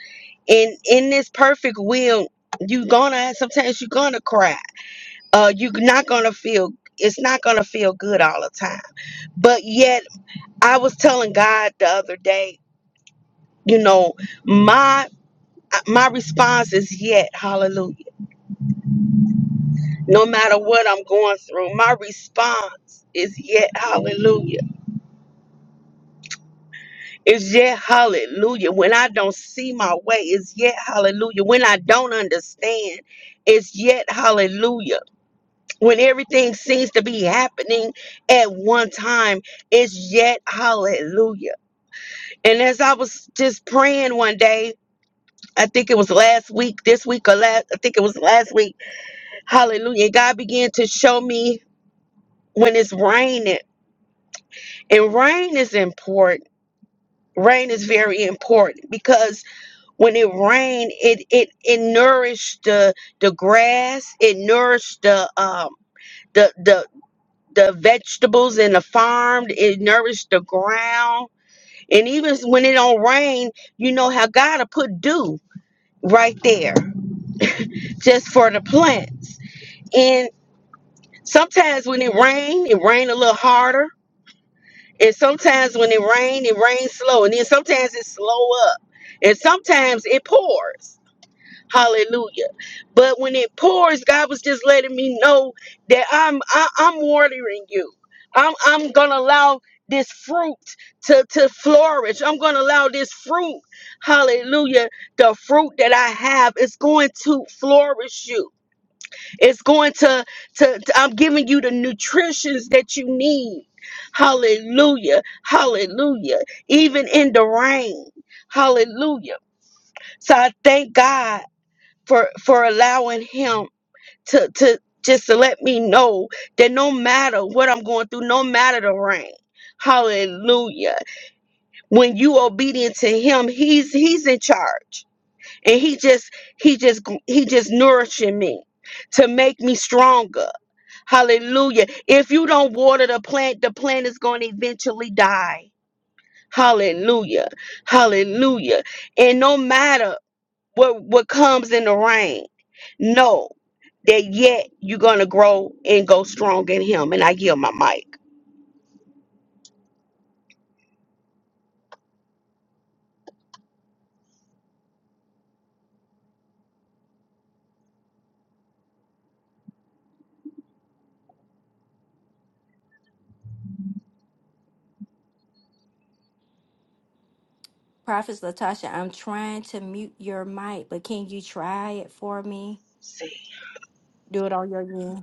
S3: And in this perfect will, you're gonna sometimes you're gonna cry. Uh, you're not gonna feel. It's not gonna feel good all the time. But yet, I was telling God the other day, you know, my my response is yet. Hallelujah No matter what I'm going through, my response is yet hallelujah. It's yet hallelujah. When I don't see my way, it's yet hallelujah. When I don't understand, it's yet hallelujah. When everything seems to be happening at one time, it's yet hallelujah. And as I was just praying one day, I think it was last week, this week or last, I think it was last week, hallelujah. God began to show me when it's raining. And rain is important. Rain is very important because when it rained, it it it nourished the the grass, it nourished the um the the the vegetables in the farm, it nourished the ground. And even when it don't rain, you know how God'll put dew right there just for the plants. And sometimes when it rain, it rain a little harder And sometimes when it rains, it rains slow. And then sometimes it slow up. And sometimes it pours. Hallelujah. But when it pours, God was just letting me know that I'm I, I'm watering you. I'm I'm gonna allow this fruit to, to flourish. I'm gonna allow this fruit, hallelujah, the fruit that I have is going to flourish you. It's going to, to, to- I'm giving you the nutritions that you need. Hallelujah. Hallelujah. Even in the rain. Hallelujah. So I thank God for for allowing him to to just to let me know that no matter what I'm going through, no matter the rain. Hallelujah. When you obedient to him, he's he's in charge. And he just he just he just nourishing me to make me stronger Hallelujah. If you don't water the plant, the plant is going to eventually die. Hallelujah. Hallelujah. And no matter what, what comes in the rain, know that yet you're going to grow and go strong in Him. And I yield my mic.
S1: Prophet Latasha, I'm trying to mute your mic, but can you try it for me? Do it on your end.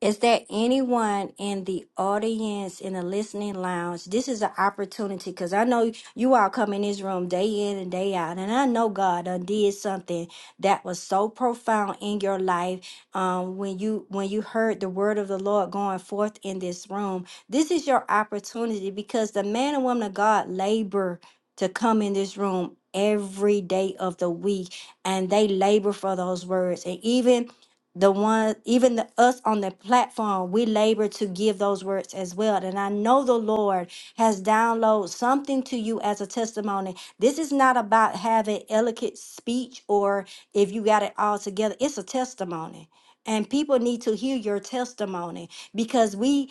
S1: Is there anyone in the audience in the listening lounge? This is an opportunity because I know you all come in this room day in and day out, and I know God done did something that was so profound in your life um, when you when you heard the word of the Lord going forth in this room. This is your opportunity because the man and woman of God labor to come in this room every day of the week and they labor for those words and even the one even the us on the platform we labor to give those words as well and i know the lord has downloaded something to you as a testimony this is not about having eloquent speech or if you got it all together it's a testimony and people need to hear your testimony because we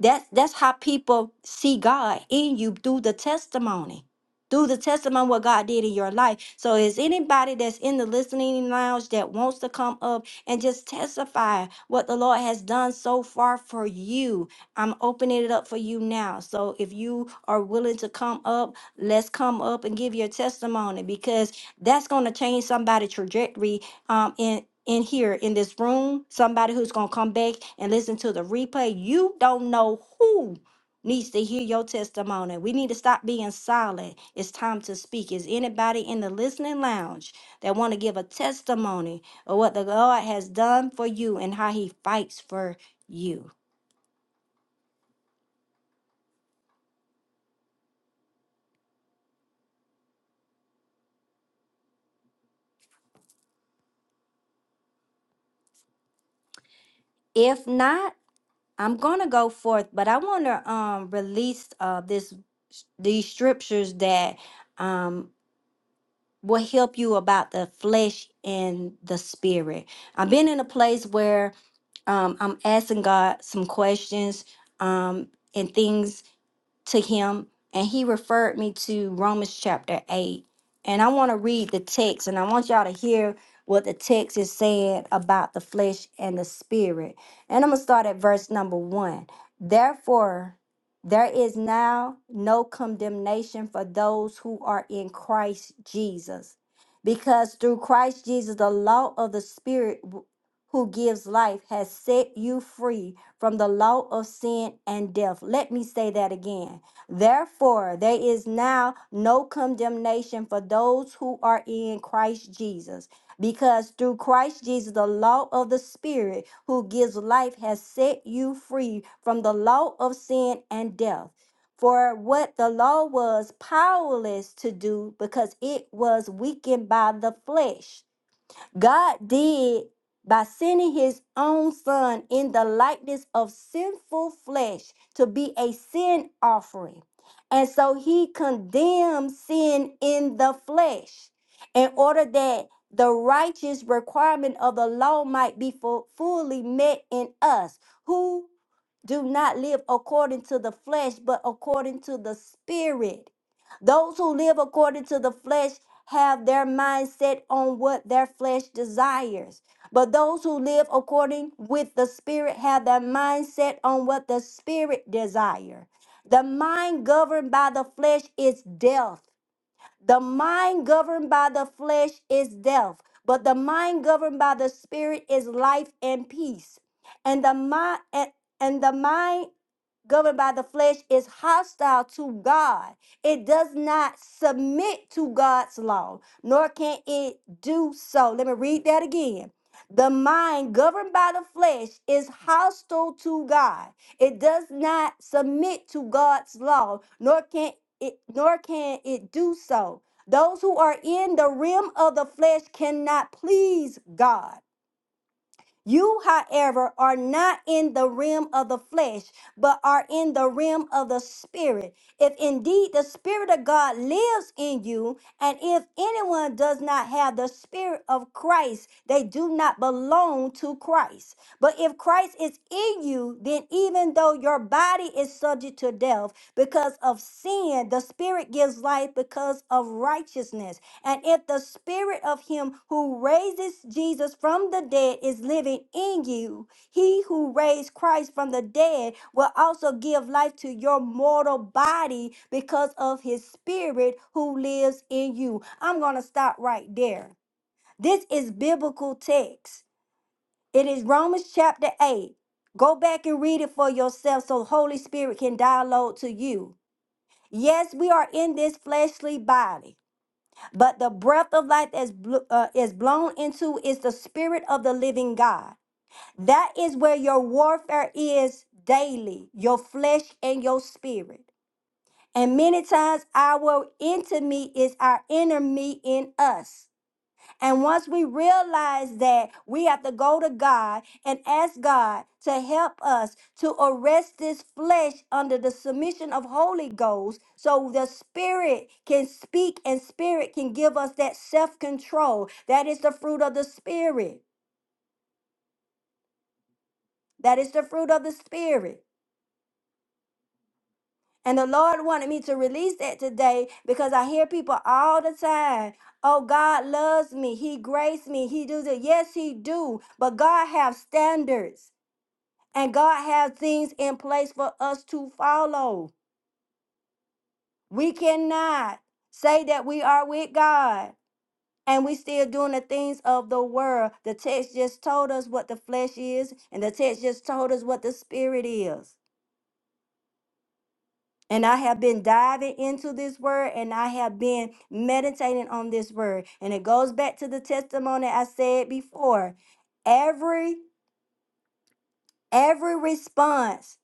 S1: that's that's how people see god in you through the testimony through the testimony what God did in your life. So is anybody that's in the listening lounge that wants to come up and just testify what the Lord has done so far for you. I'm opening it up for you now. So if you are willing to come up, let's come up and give your testimony because that's going to change somebody's trajectory um, in in here in this room. Somebody who's going to come back and listen to the replay. You don't know who needs to hear your testimony. We need to stop being silent. It's time to speak. Is anybody in the listening lounge that want to give a testimony or what the Lord has done for you and how he fights for you. If not, I'm going to go forth, but I want to um release uh this these scriptures that um will help you about the flesh and the spirit. I've been in a place where um I'm asking God some questions um and things to him and he referred me to Romans chapter 8. And I want to read the text and I want y'all to hear what the text is saying about the flesh and the spirit. And I'm going to start at verse number 1. Therefore, there is now no condemnation for those who are in Christ Jesus. Because through Christ Jesus, the law of the Spirit who gives life has set you free from the law of sin and death. Let me say that again. Therefore, there is now no condemnation for those who are in Christ Jesus. Because through Christ Jesus, the law of the Spirit who gives life has set you free from the law of sin and death. For what the law was powerless to do because it was weakened by the flesh God did by sending his own son in the likeness of sinful flesh to be a sin offering. And so he condemned sin in the flesh in order that the righteous requirement of the law might be fu- fully met in us who do not live according to the flesh, but according to the spirit. Those who live according to the flesh have their mindset on what their flesh desires. But those who live according with the spirit have their mindset on what the spirit desire. The mind governed by the flesh is death, the mind governed by the flesh is death, but the mind governed by the spirit is life and peace. And the mind and, and the mind governed by the flesh is hostile to God. It does not submit to God's law, nor can it do so. Let me read that again. The mind governed by the flesh is hostile to God. It does not submit to God's law, nor can it nor can it do so. Those who are in the realm of the flesh cannot please God. You, however, are not in the realm of the flesh, but are in the realm of the spirit. If indeed the spirit of God lives in you, and if anyone does not have the spirit of Christ, they do not belong to Christ. But if Christ is in you, then even though your body is subject to death because of sin, the spirit gives life because of righteousness. And if the spirit of him who raises Jesus from the dead is living in you, he who raised Christ from the dead will also give life to your mortal body because of his spirit who lives in you. I'm going to stop right there. This is biblical text. It is Romans chapter 8. Go back and read it for yourself so Holy Spirit can download to you. Yes, we are in this fleshly body. But the breath of life is bl- uh, is blown into is the spirit of the living God. That is where your warfare is daily, your flesh and your spirit. And many times our enemy is our enemy in us. And once we realize that, we have to go to God and ask God to help us to arrest this flesh under the submission of Holy Ghost so the Spirit can speak and Spirit can give us that self control. That is the fruit of the Spirit. That is the fruit of the Spirit. And the Lord wanted me to release that today because I hear people all the time Oh, God loves me. He graced me. He do the yes, he do. But God have standards. And God has things in place for us to follow. We cannot say that we are with God and we still doing the things of the world. The text just told us what the flesh is, and the text just told us what the spirit is. And I have been diving into this word and I have been meditating on this word. And it goes back to the testimony I said before. Every every response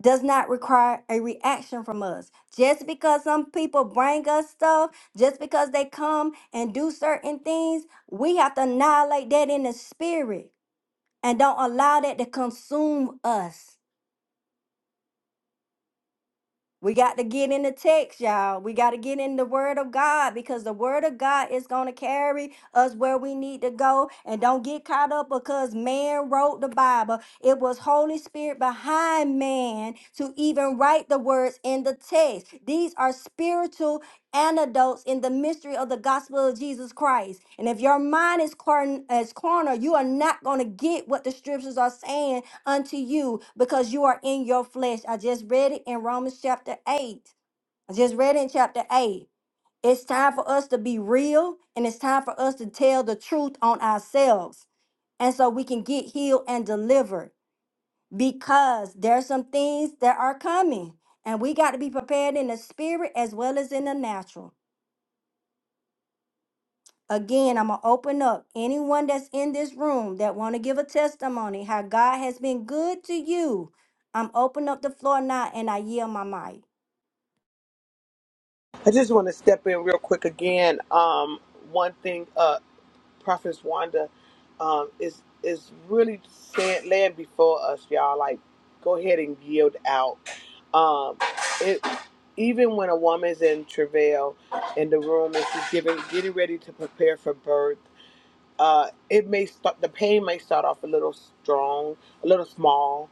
S1: does not require a reaction from us. Just because some people bring us stuff, just because they come and do certain things, we have to annihilate that in the spirit and don't allow that to consume us. We got to get in the text, y'all. We got to get in the word of God because the word of God is going to carry us where we need to go. And don't get caught up because man wrote the Bible. It was Holy Spirit behind man to even write the words in the text. These are spiritual antidotes in the mystery of the gospel of Jesus Christ. And if your mind is corn is cornered, you are not going to get what the scriptures are saying unto you because you are in your flesh. I just read it in Romans chapter 8. I just read it in chapter 8. It's time for us to be real and it's time for us to tell the truth on ourselves. And so we can get healed and delivered because there's some things that are coming and we got to be prepared in the spirit as well as in the natural. Again, I'm going to open up anyone that's in this room that want to give a testimony how God has been good to you. I'm open up the floor now and I yield my mic.
S2: I just want to step in real quick again. Um, one thing, uh, Prophet Wanda, um, is is really saying laying before us, y'all. Like, go ahead and yield out. Um, it even when a woman's in travail in the room and she's giving getting ready to prepare for birth uh, it may start the pain may start off a little strong, a little small.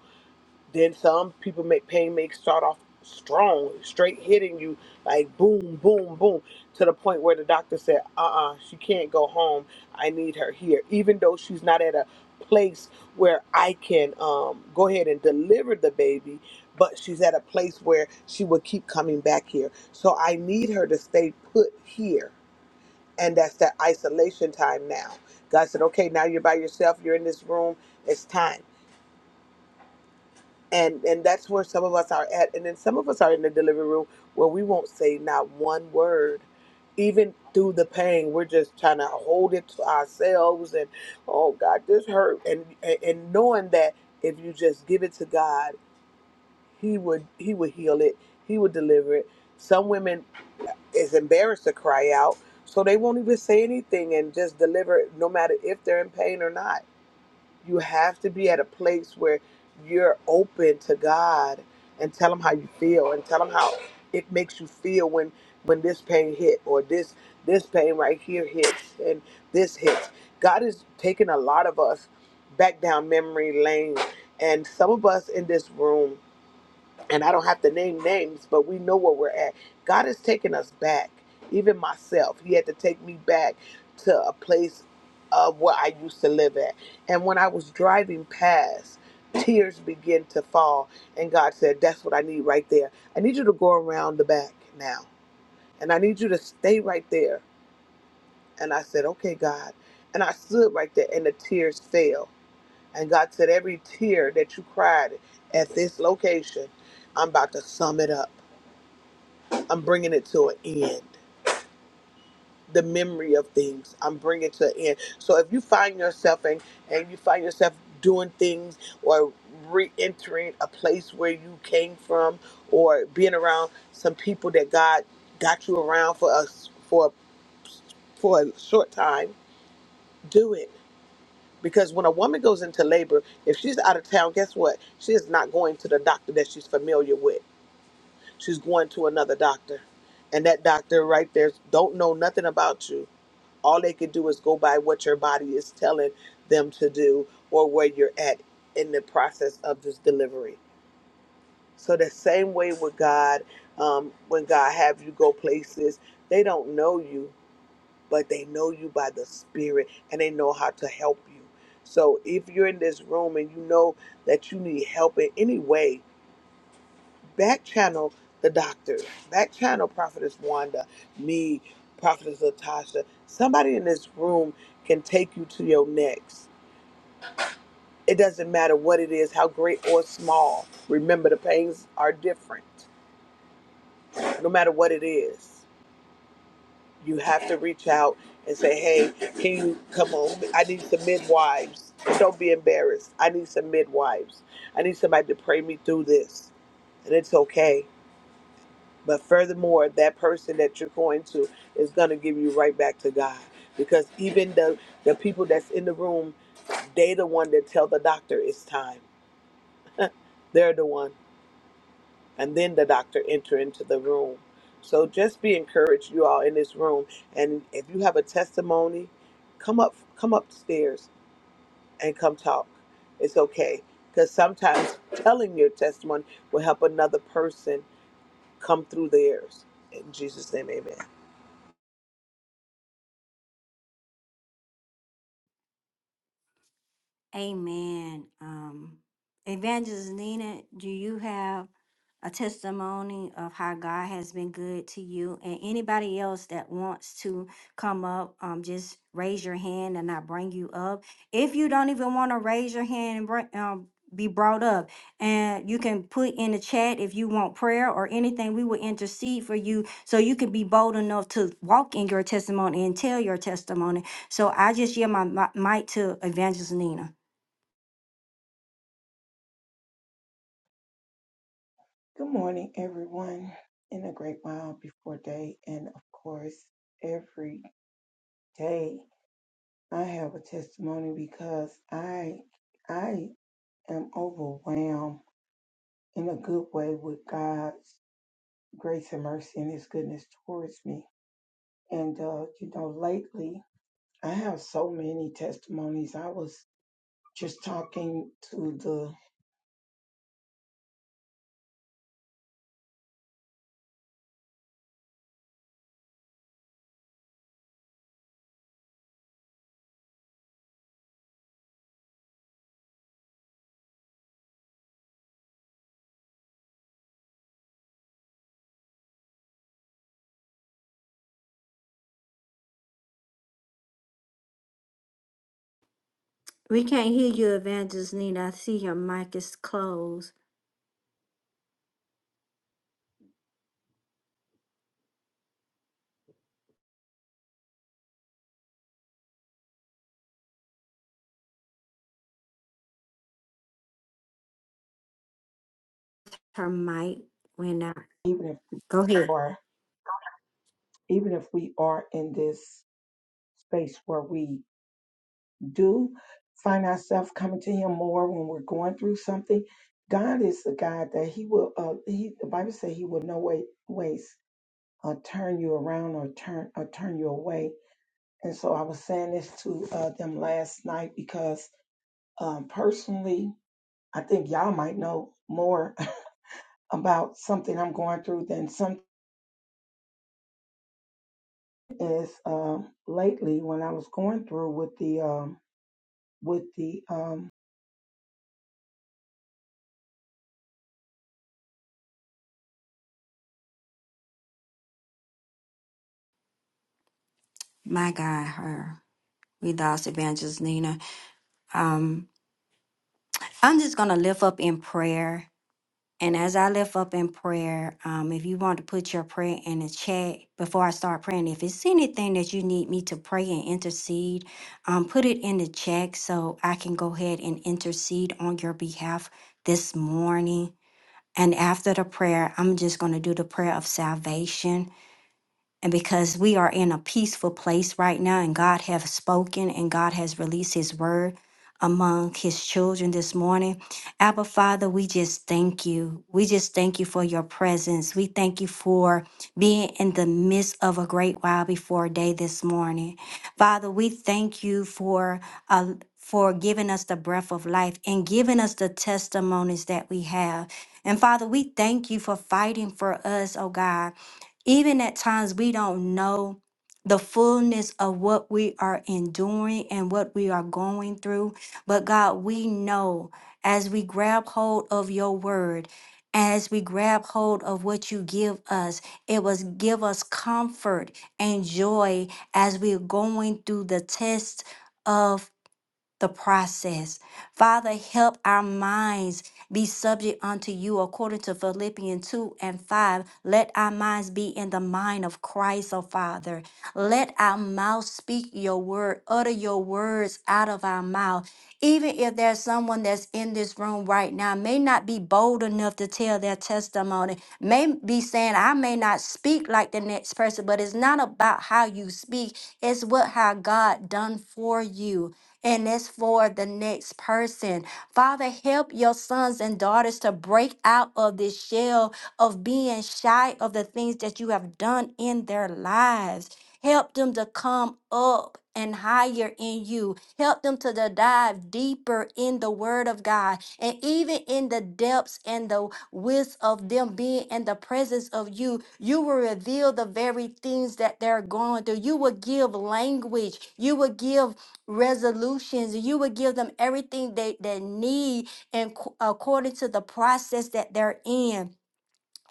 S2: Then some people make pain may start off strong, straight hitting you like boom, boom, boom, to the point where the doctor said, "Uh-uh, she can't go home. I need her here," even though she's not at a place where I can um, go ahead and deliver the baby. But she's at a place where she would keep coming back here, so I need her to stay put here and that's that isolation time now god said okay now you're by yourself you're in this room it's time and and that's where some of us are at and then some of us are in the delivery room where we won't say not one word even through the pain we're just trying to hold it to ourselves and oh god this hurt and and, and knowing that if you just give it to god he would he would heal it he would deliver it some women is embarrassed to cry out, so they won't even say anything and just deliver it, no matter if they're in pain or not. You have to be at a place where you're open to God and tell him how you feel and tell him how it makes you feel when when this pain hit or this this pain right here hits and this hits. God is taking a lot of us back down memory lane and some of us in this room and I don't have to name names, but we know where we're at. God has taken us back, even myself. He had to take me back to a place of where I used to live at. And when I was driving past, tears began to fall. And God said, That's what I need right there. I need you to go around the back now. And I need you to stay right there. And I said, Okay, God. And I stood right there, and the tears fell. And God said, Every tear that you cried at this location, I'm about to sum it up. I'm bringing it to an end. The memory of things, I'm bringing it to an end. So if you find yourself and and you find yourself doing things or re-entering a place where you came from, or being around some people that God got you around for us for for a short time, do it. Because when a woman goes into labor, if she's out of town, guess what? She is not going to the doctor that she's familiar with. She's going to another doctor, and that doctor right there don't know nothing about you All they can do is go by what your body is telling them to do or where you're at in the process of this delivery. So the same way with God, um, when God have you go places, they don't know you, but they know you by the Spirit and they know how to help you. So if you're in this room and you know that you need help in any way, back channel the doctor, back channel Prophetess Wanda, me, Prophetess Latasha. Somebody in this room can take you to your next. It doesn't matter what it is, how great or small. Remember, the pains are different. No matter what it is, you have to reach out and say, hey, can you come on? I need some midwives. Don't be embarrassed. I need some midwives. I need somebody to pray me through this. And it's okay. But furthermore, that person that you're going to is going to give you right back to God. Because even the, the people that's in the room, they the one that tell the doctor it's time. They're the one. And then the doctor enter into the room. So just be encouraged, you all in this room. And if you have a testimony, come up come upstairs and come talk. It's okay. Because sometimes telling your testimony will help another person come through theirs. In Jesus' name, amen.
S1: Amen. Um, Evangelist Nina, do you have? a testimony of how God has been good to you. And anybody else that wants to come up, um, just raise your hand and I bring you up. If you don't even want to raise your hand and bring, um, be brought up, and you can put in the chat if you want prayer or anything, we will intercede for you so you can be bold enough to walk in your testimony and tell your testimony. So I just yield my, my mic to Evangelist Nina.
S4: Good morning, everyone, in a great while before day. And of course, every day I have a testimony because I I am overwhelmed in a good way with God's grace and mercy and his goodness towards me. And uh, you know, lately I have so many testimonies. I was just talking to the
S1: We can't hear you, Evangelist Nina. I see your mic is closed. Her mic went out.
S4: even if we
S1: Go ahead.
S4: are even if we are in this space where we do find ourselves coming to him more when we're going through something god is the god that he will uh he the bible says he will no way ways uh turn you around or turn or turn you away and so i was saying this to uh them last night because um personally i think y'all might know more about something i'm going through than some is um lately when i was going through with the um with the um
S1: My God, her. We lost Evangelist Nina. Um, I'm just going to lift up in prayer. And as I lift up in prayer, um, if you want to put your prayer in the chat before I start praying, if it's anything that you need me to pray and intercede, um, put it in the chat so I can go ahead and intercede on your behalf this morning. And after the prayer, I'm just going to do the prayer of salvation. and because we are in a peaceful place right now and god has spoken and god has released his word among his children this morning abba father we just thank you we just thank you for your presence we thank you for being in the midst of a great while before day this morning father we thank you for uh, for giving us the breath of life and giving us the testimonies that we have. And Father, we thank you for fighting for us, oh God. Even at times, we don't know the fullness of what we are enduring and what we are going through. But God, we know as we grab hold of your word, as we grab hold of what you give us, it was give us comfort and joy as we're going through the test of the process. Father, help our minds be subject unto you according to Philippians 2 and 5. Let our minds be in the mind of Christ, O Father. Let our mouth speak your word, utter your words out of our mouth. Even if there's someone that's in this room right now, may not be bold enough to tell their testimony, may be saying, I may not speak like the next person, but it's not about how you speak, it's what how God done for you and it's for the next person. Father, help your sons and daughters to break out of this shell of being shy of the things that you have done in their lives. Help them to come up and higher in you. Help them to the- dive deeper in the word of God and even in the depths and the width of them being in the presence of you. You will reveal the very things that they're going through. You will give language. You will give resolutions you would give them everything they, they need and according to the process that they're in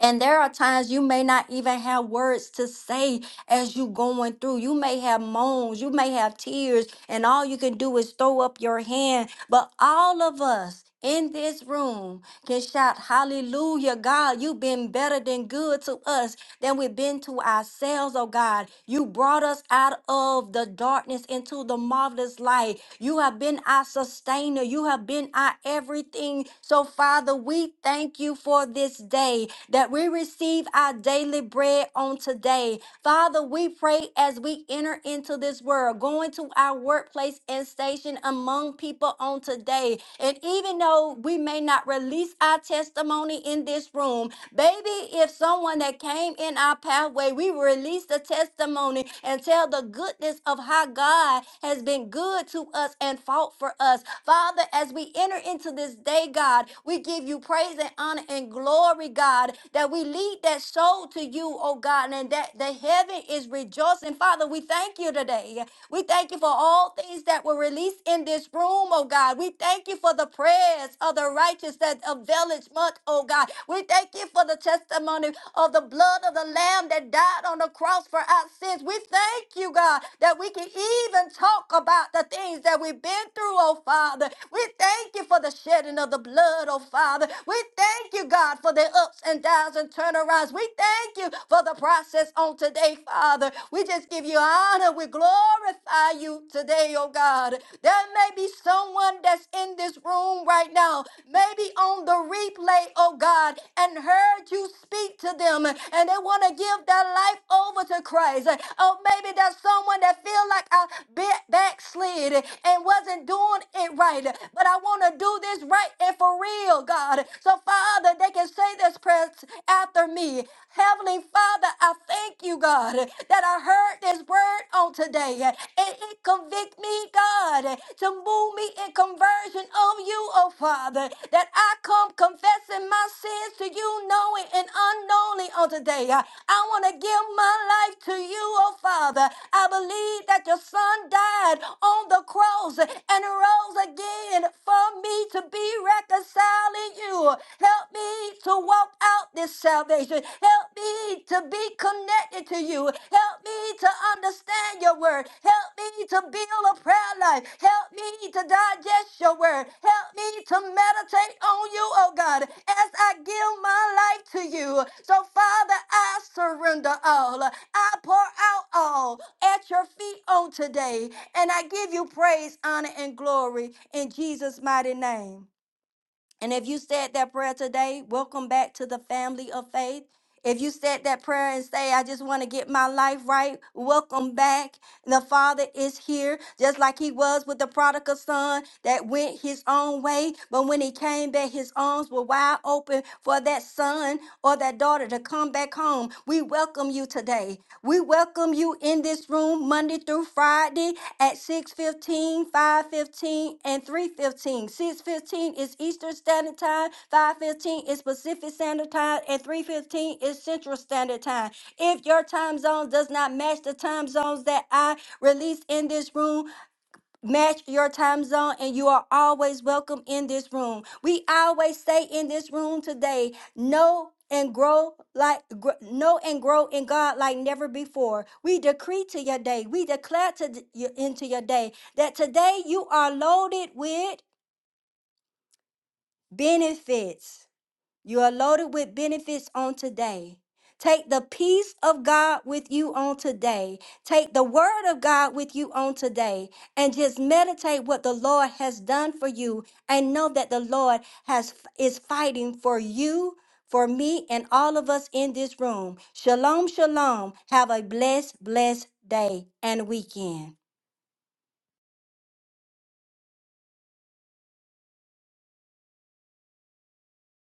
S1: and there are times you may not even have words to say as you going through you may have moans you may have tears and all you can do is throw up your hand but all of us in this room can shout hallelujah god you've been better than good to us than we've been to ourselves, oh God. You brought us out of the darkness into the marvelous light. You have been our sustainer. You have been our everything. So, Father, we thank you for this day that we receive our daily bread on today. Father, we pray as we enter into this world, going to our workplace and station among people on today. And even though we may not not release our testimony in this room. Baby, if someone that came in our pathway, we release the testimony and tell the goodness of how God has been good to us and fought for us. Father, as we enter into this day, God, we give you praise and honor and glory, God, that we lead that soul to you, oh God, and that the heaven is rejoicing. Father, we thank you today. We thank you for all all things that were released in this room, oh God. We thank you for the prayers of the righteous that availeth much, oh God. We thank you for the testimony of the blood of the Lamb that died on the cross for our sins. We thank you, God, that we can even talk about the things that we've been through, oh Father. We thank you for the shedding of the blood, oh Father. We thank you, God, for the ups and downs and turnarounds. We thank you for the process process on today, Father. We just give you honor. We glorify you today, oh God. There may be someone that's in this room right now, maybe on the replay, oh God, and heard you speak to them and they want to give their life over to Christ. Oh, maybe there's someone that feel like I bit backslid and wasn't doing it right, but I want to do this right and for real, God. God. So, Father, they can say this prayer after me. Heavenly Father, I thank you, God, that I heard this word on today. and it convict me, God, to move me in conversion of you, oh Father, that I come confessing my sins to you, knowing and unknowingly on today. I want to give my life to you, oh Father. I believe that your son died on the cross cross and rose again for me to be reconciling you. Help me to walk out this salvation. Help me to be connected to you. Help me to understand your word. Help me to build a prayer life. Help me to digest your word. Help me to meditate on you, oh God, as I give my life to you. So, Father, I surrender all. I pour out all at your feet on today. And I give you praise, honor, and glory in Jesus' mighty name. And if you said that prayer today, welcome back to the family of faith. If you said that prayer and say, I just want to get my life right, welcome back. The Father is here, just like He was with the prodigal son that went his own way. But when he came back, his arms were wide open for that son or that daughter to come back home. We welcome you today. We welcome you in this room Monday through Friday at 6:15, 5:15, and 3:15. 6:15 is Eastern Standard Time, 5:15 is Pacific Standard Time, and 3:15 is Central Standard Time. If your time zone does not match the time zones that I release in this room, match your time zone, and you are always welcome in this room. We always say in this room today, know and grow like gr- know and grow in God like never before. We decree to your day, we declare to d- your- into your day that today you are loaded with benefits. You are loaded with benefits on today. Take the peace of God with you on today. Take the word of God with you on today and just meditate what the Lord has done for you and know that the Lord has is fighting for you, for me and all of us in this room. Shalom, shalom. Have a blessed blessed day and weekend.